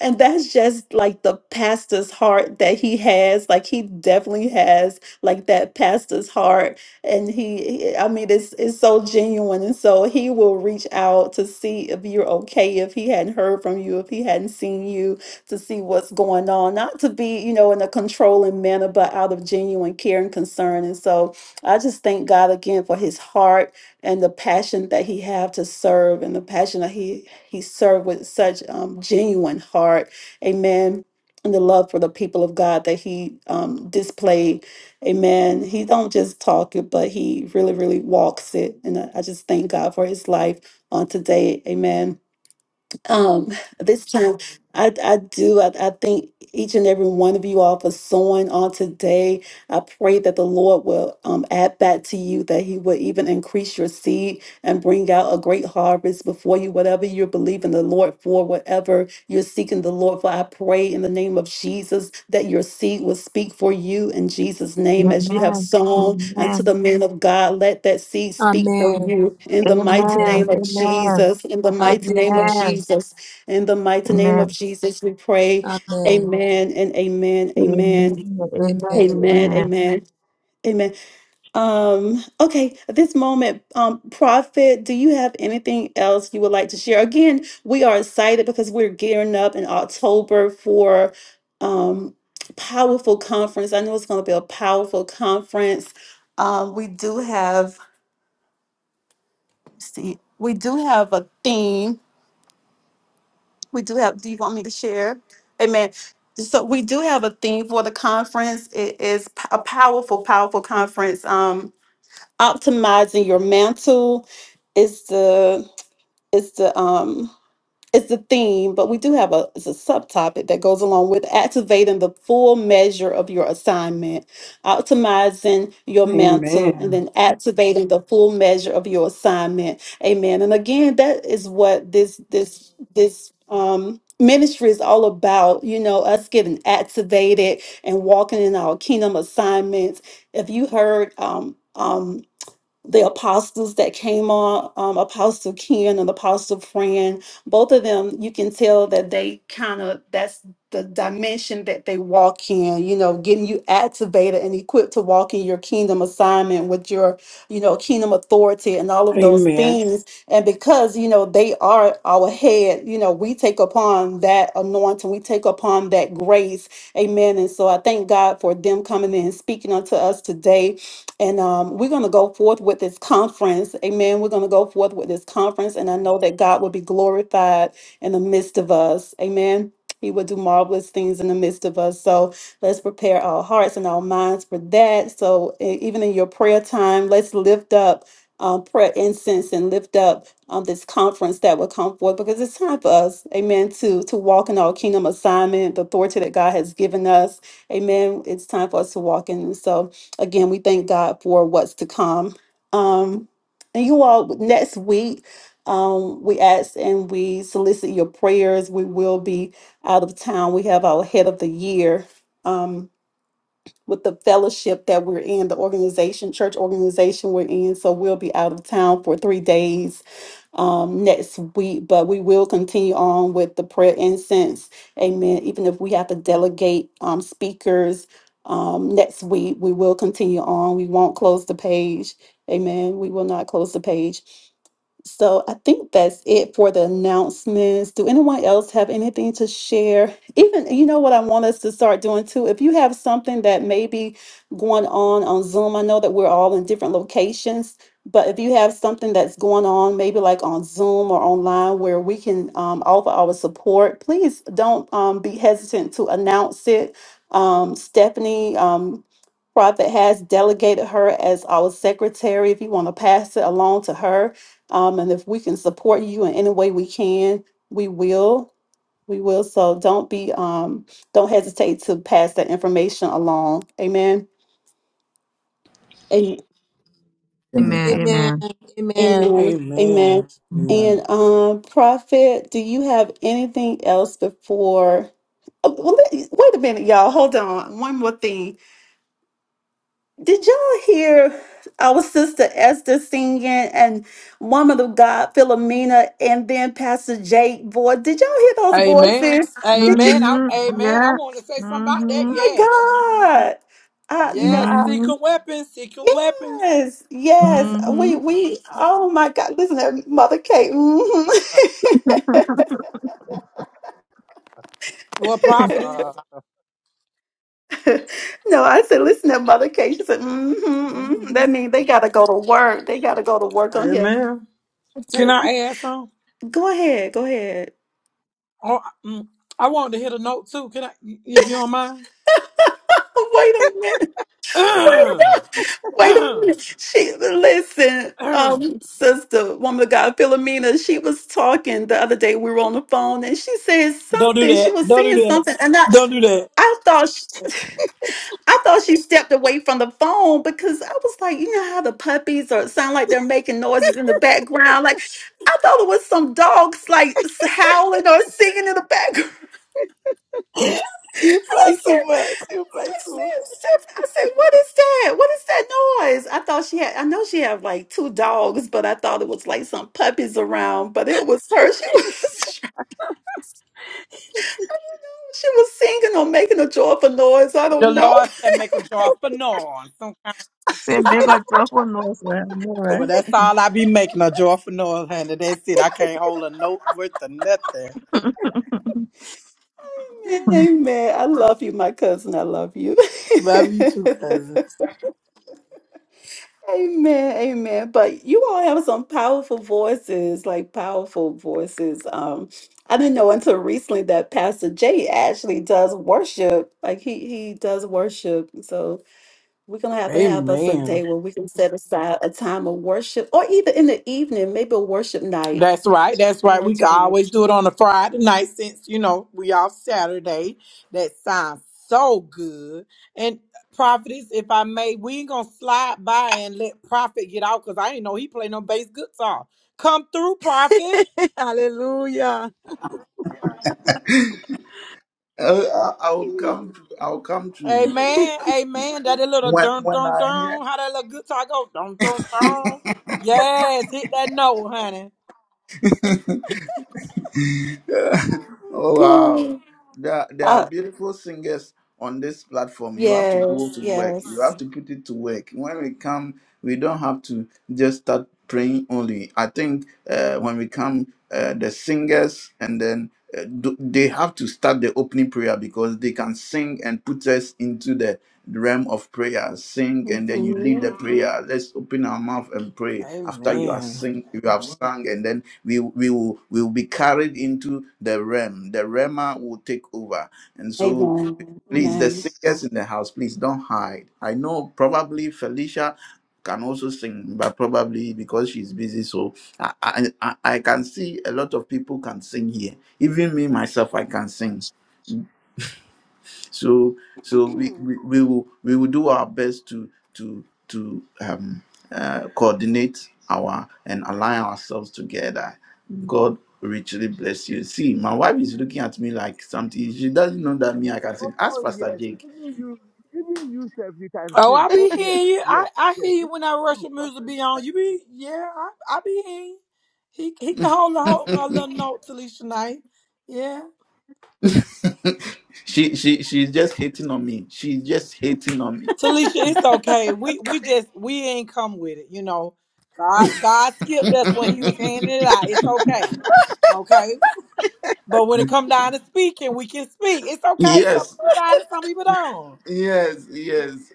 and that's just like the pastor's heart that he has. Like he definitely has like that pastor's heart. And he, he- I mean, it's it's so genuine. And so he will reach out to see if you're okay, if he hadn't heard from you, if he hadn't seen you, to see what's going on. Not to be, you know, in a controlling manner, but out of genuine care and concern. And so I just thank God again for his heart and the passion that he have to serve and the passion that he he served with such um, genuine heart amen and the love for the people of god that he um, displayed amen he don't just talk it but he really really walks it and i I just thank god for his life on today amen um this time i i do i, I thank each and every one of you all for sowing on today i pray that the lord will um, add back to you that he will even increase your seed and bring out a great harvest before you, whatever you're believing the Lord for, whatever you're seeking the Lord for. I pray in the name of Jesus that your seed will speak for you in Jesus' name as you have Amen. sown unto Amen. the man of God. Let that seed speak for Amen. you in the mighty Amen. Amen. name of Amen. Jesus. In the mighty name of Amen. Jesus. In the Amen. mighty name of Amen. Jesus, we pray. Amen. Amen and amen. Amen. Amen. Amen. Amen. Amen. Amen. Um, okay, at this moment, um, Prophet, do you have anything else you would like to share? Again, we are excited because we're gearing up in October for um powerful conference. I know it's gonna be a powerful conference. Um, we do have let's see, we do have a theme. We do have, do you want me to share? Amen. So we do have a theme for the conference. It is p- a powerful, powerful conference. Um. optimizing your mantle is the is the um is the theme, but we do have a it's a subtopic that goes along with activating the full measure of your assignment, optimizing your mantle, and Amen. then activating the full measure of your assignment. Amen. And again, that is what this this this um ministry is all about, you know, us getting activated and walking in our kingdom assignments. If you heard um um the apostles that came on, um, Apostle Ken and Apostle Fran, both of them, you can tell that they kind of that's the dimension that they walk in, you know, getting you activated and equipped to walk in your kingdom assignment with your, you know, kingdom authority and all of those Amen. things. And because, you know, they are our head, you know, we take upon that anointing, we take upon that grace. Amen. And so I thank God for them coming in and speaking unto us today and um, we're going to go forth with this conference. Amen. We're going to go forth with this conference. And I know that God will be glorified in the midst of us. Amen. He will do marvelous things in the midst of us. So let's prepare our hearts and our minds for that. So e- even in your prayer time, let's lift up um, prayer incense and lift up um, this conference that will come forth because it's time for us, amen, to, to walk in our kingdom assignment, the authority that God has given us. Amen. It's time for us to walk in. So again, we thank God for what's to come. Um, and you all, next week, um, we ask and we solicit your prayers. We will be out of town. We have our head of the year. Um, with the fellowship that we're in, the organization, church organization we're in. So we'll be out of town for three days um, next week, but we will continue on with the prayer incense. Amen. Even if we have to delegate um, speakers um, next week, we will continue on. We won't close the page. Amen. We will not close the page. So I think that's it for the announcements. Do anyone else have anything to share? Even, you know what I want us to start doing too? If you have something that may be going on on Zoom, I know that we're all in different locations, but if you have something that's going on, maybe like on Zoom or online where we can um, offer our support, please don't um, be hesitant to announce it. Um, Stephanie, um, Prophet has delegated her as our secretary. If you want to pass it along to her, um, and if we can support you in any way we can, we will. We will. So don't be um don't hesitate to pass that information along. Amen. And Amen. Amen. Amen. Amen. Amen. amen. Amen. Amen. Mm-hmm. Amen. And um prophet, do you have anything else before Oh, well, let- wait a minute, y'all. Hold on. One more thing. Did y'all hear our sister Esther singing and woman of God Philomena and then Pastor Jake boy? Did y'all hear those voices? Did you Amen. I, amen. I Yeah. want to say something about that. Mm-hmm. Yes. oh my God? Uh, you know, Yes. I Mm-hmm. Secret weapons. Secret weapons. Yes, yes. We Mm-hmm. we oh my God, listen to Mother Kate. hmm What prophet is? Wow. No, I said listen to Mother Kate. She said, hmm hmm Mm-hmm. That means they gotta go to work. They gotta go to work on here. Amen. Can I add some? Go ahead, go ahead. Oh, mm, I wanted to hit a note too. Can I, if you don't mind? Wait a minute. don't Wait a minute. She listen, um, sister, woman of God, Philomena, she was talking the other day. We were on the phone and she said do something. She that. was Don't do saying that. something, and I Don't do that. I thought I thought she stepped away from the phone because I was like, you know how the puppies or sound like they're making noises in the background. Like I thought it was some dogs like howling or singing in the background. You play I too said, much. You play I too said, Steph- I said, what is that? What is that noise? I thought she had. I know she had like two dogs, but I thought it was like some puppies around. But it was her. She was she was singing or making a joyful noise. I much. The don't know. Lord said, make a jar for Noah. Some Say big or truffle knows where I know, But right? that's all I be making a jar for Noah, honey. That's it. I can't hold a note worth of nothing. Amen. I love you, my cousin. I love you. Love you too, cousin. Amen, amen. But you all have some powerful voices, like powerful voices. Um, I didn't know until recently that Pastor Jay actually does worship. Like he he does worship. So we're gonna have to have us a Amen. day where we can set aside a time of worship, or even in the evening, maybe a worship night. That's right. That's A right. We can worship always night. do it on a Friday night since, you know, we off Saturday. That sounds so good. And Prophetess, if I may, we ain't gonna slide by and let Prophet get out because I ain't know he play no bass guitar. Come through, Prophet. Ah, Uh, I- I'll come to. I'll come to. eh, Amen. Amen. That a little When dun when dun I dun. How that little guitar go? Dun dun dun. Yes, hit that note, honey. hear. oh wow, Good. there are- there are Uh, beautiful singers on this platform you have to go yes, to work you yes. have to put it to work when we come we don't have to just start praying only i think uh, when we come uh, the singers and then uh, do- they have to start the opening prayer because they can sing and put us into the realm of prayer sing and then you lead the hmm prayer let's open our mouth and pray after you are Amen. sing you have sung and then we we will we will be carried into the realm the realm will take over and so Amen. Please, the Amen. singers in the house, please don't hide. I know probably Felicia can also sing, but probably because she's busy, so I, I I I can see a lot of people can sing here. Even me myself, I can sing. So so we we, we will we will do our best to to to um uh, coordinate our and align ourselves together. God richly bless you. See, my wife is looking at me like something. She doesn't know that me I can sing. Ask Oh Pastor yes. Jake. Even you, even you, self, you can Oh, sing. I Oh be yes, hearing you. I, yes, I yes. hear Even you when that you, Russian music prophet, be you on. can You sing. be yeah, I, I be hearing you. He he can hold a, hold a little note, Talisha Knight. Yeah. she she she's just hating on me. She's just hating on me. Talisha, it's okay. We we just we ain't come with it, you know. God God skipped us when he was handing it out. It's okay. Okay? But when it come down to speaking, we can speak. It's okay. Some Yes, people got it, some people don't. yes, yes.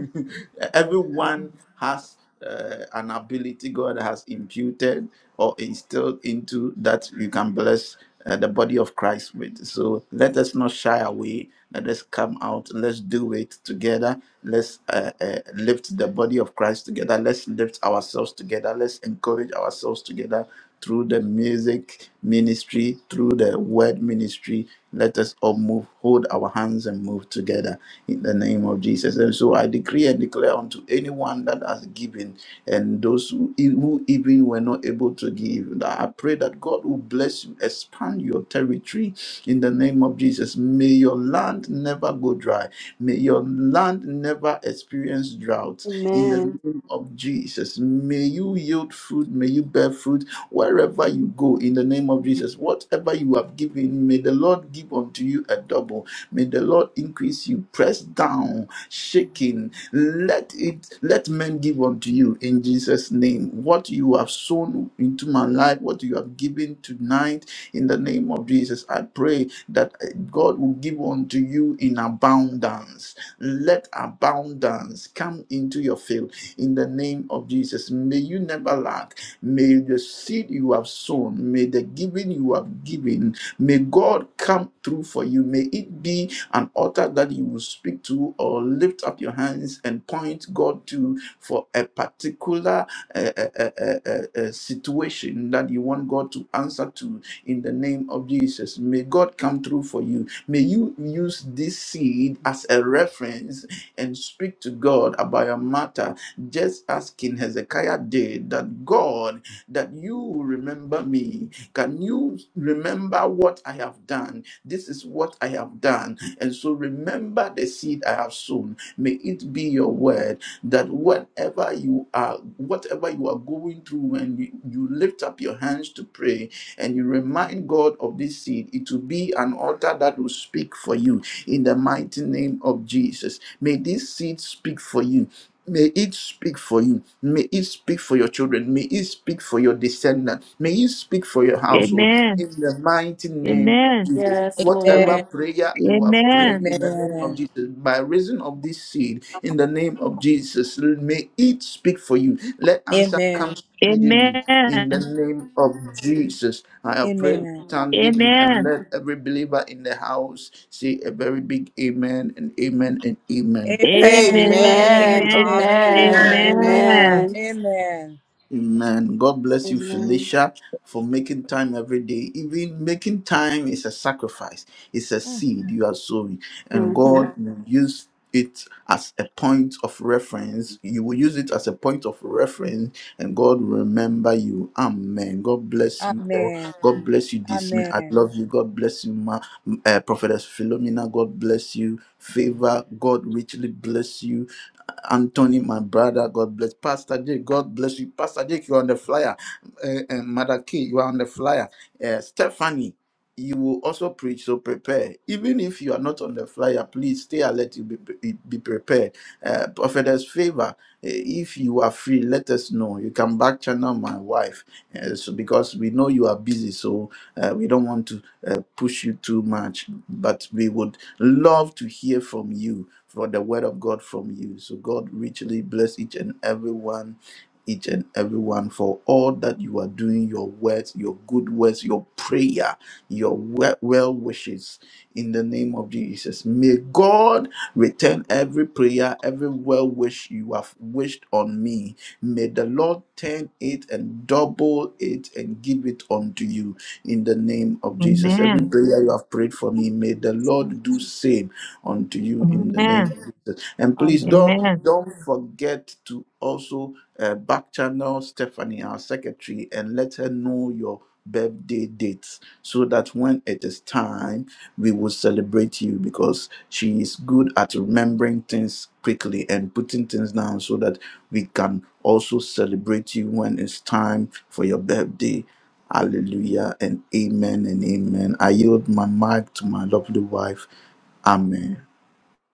Everyone has uh, an ability God has imputed or instilled into that you can bless uh, the body of Christ with. So let us not shy away. Let us come out. Let's do it together. Let's uh, uh, lift the body of Christ together. Let's lift ourselves together. Let's encourage ourselves together through the music ministry, through the word ministry. Let us all move, hold our hands and move together in the name of Jesus. And so I decree and declare unto anyone that has given and those who, who even were not able to give, that I pray that God will bless you, expand your territory in the name of Jesus. May your land never go dry. May your land never experience drought in the Amen. name of Jesus. May you yield fruit, may you bear fruit wherever you go in the name of Jesus. Whatever you have given, may the Lord give unto you a double May the Lord increase you, pressed down, shaking. Let it let men give unto you in Jesus' name. What you have sown into my life, what you have given tonight, in the name of Jesus, I pray that God will give unto you in abundance. Let abundance come into your field in the name of Jesus. May you never lack. May the seed you have sown, may the giving you have given May God come through for you. May it be an altar that you will speak to or lift up your hands and point God to for a particular uh, uh, uh, uh, uh, uh, situation that you want God to answer to in the name of Jesus. May God come through for you. May you use this seed as a reference and speak to God about your matter, just as King Hezekiah did, that God, that you will remember me can you remember what I have done? This is what I have done. And so remember the seed I have sown. May it be your word that whatever you are, whatever you are going through, when you, you lift up your hands to pray and you remind God of this seed, it will be an altar that will speak for you in the mighty name of Jesus. May this seed speak for you May it speak for you. May it speak for your children. May it speak for your descendants. May it speak for your household. Amen. In the mighty name of Amen. Jesus. Yes, Whatever Lord. Amen. prayer you have prayed Amen. in the name of Amen. Jesus, by reason of this seed, in the name of Jesus, may it speak for you. Let answer come Amen. Amen. speedily. In the Amen. name of Jesus, I have prayed Amen. with thanksgiving and Amen. let every believer in the house say a very big amen and amen and amen. Amen. Amen. Amen. Amen. Amen. Amen. Hallelujah. Amen. Amen. Amen. Amen. Amen. Amen. God bless you, Amen. Felicia, for making time every day. Even making time is a sacrifice, it's a seed you are sowing. And hmm God will use it as a point of reference. You will use it as a point of reference, and God will remember you. Amen. God bless you all. Amen. God bless you, this Smith. I Amen. love you. God bless you, Ma, uh, Prophetess Philomena. God bless you. Favor. God richly bless you. Anthony, my brother, God bless. Pastor Jake, God bless you. Pastor Jake, you're on the flyer. Uh, and Mother Kay, you are on the flyer. Uh, Stephanie, you will also preach, so prepare. Even if you are not on the flyer, please stay alert. You be, be be prepared. Uh, Prophetess Favor, uh, if you are free, let us know. You can back channel my wife uh, so because we know you are busy, so uh, we don't want to uh, push you too much. But we would love to hear from you for the word of God from you. So God richly bless each and every one each and everyone for all that you are doing, your words, your good words, your prayer, your we- well wishes in the name of Jesus. May God return every prayer, every well wish you have wished on me. May the Lord turn it and double it and give it unto you in the name of Jesus. Amen. Every prayer you have prayed for me, may the Lord do same unto you in the name of Amen. Jesus. And please Amen. don't Amen. don't forget to also uh, back channel Stephanie, our secretary, and let her know your birthday dates so that when it is time we will celebrate you because she is good at remembering things quickly and putting things down so that we can also celebrate you when it's time for your birthday Hallelujah and amen and amen. I yield my mic to my lovely wife. Amen.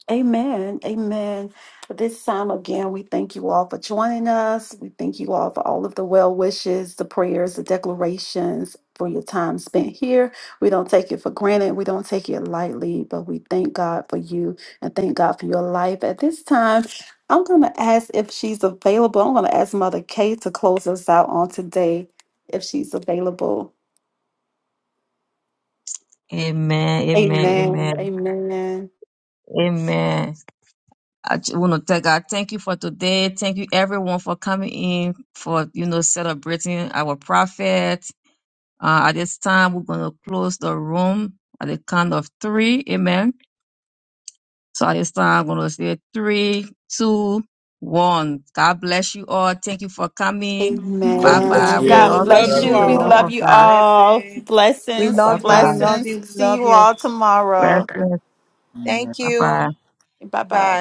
Amen. Amen. At This time again, we thank you all for joining us. We thank you all for all of the well wishes, the prayers, the declarations for your time spent here. We don't take it for granted. We don't take it lightly, but we thank God for you and thank God for your life. At this time, I'm going to ask if she's available. I'm going to ask Mother Kay to close us out on today if she's available. Amen. Amen. Amen. Amen. Amen. Amen. I want to thank God. Thank you for today. Thank you everyone for coming in for you know celebrating our prophet. Uh, at this time, we're gonna close the room at the count of three. Amen. So at this time, I'm gonna say three, two, one. God bless you all. Thank you for coming. Bye God God bless bless bye. Amen. We you God you. love all. We Love you bless love you with you. you the We love all. all. love of you God. all. Blessings. We Blessings. Bye love you. We bye. love Blessings. you. We See love you you. all tomorrow. Blessings. Bye bye. Bye bye.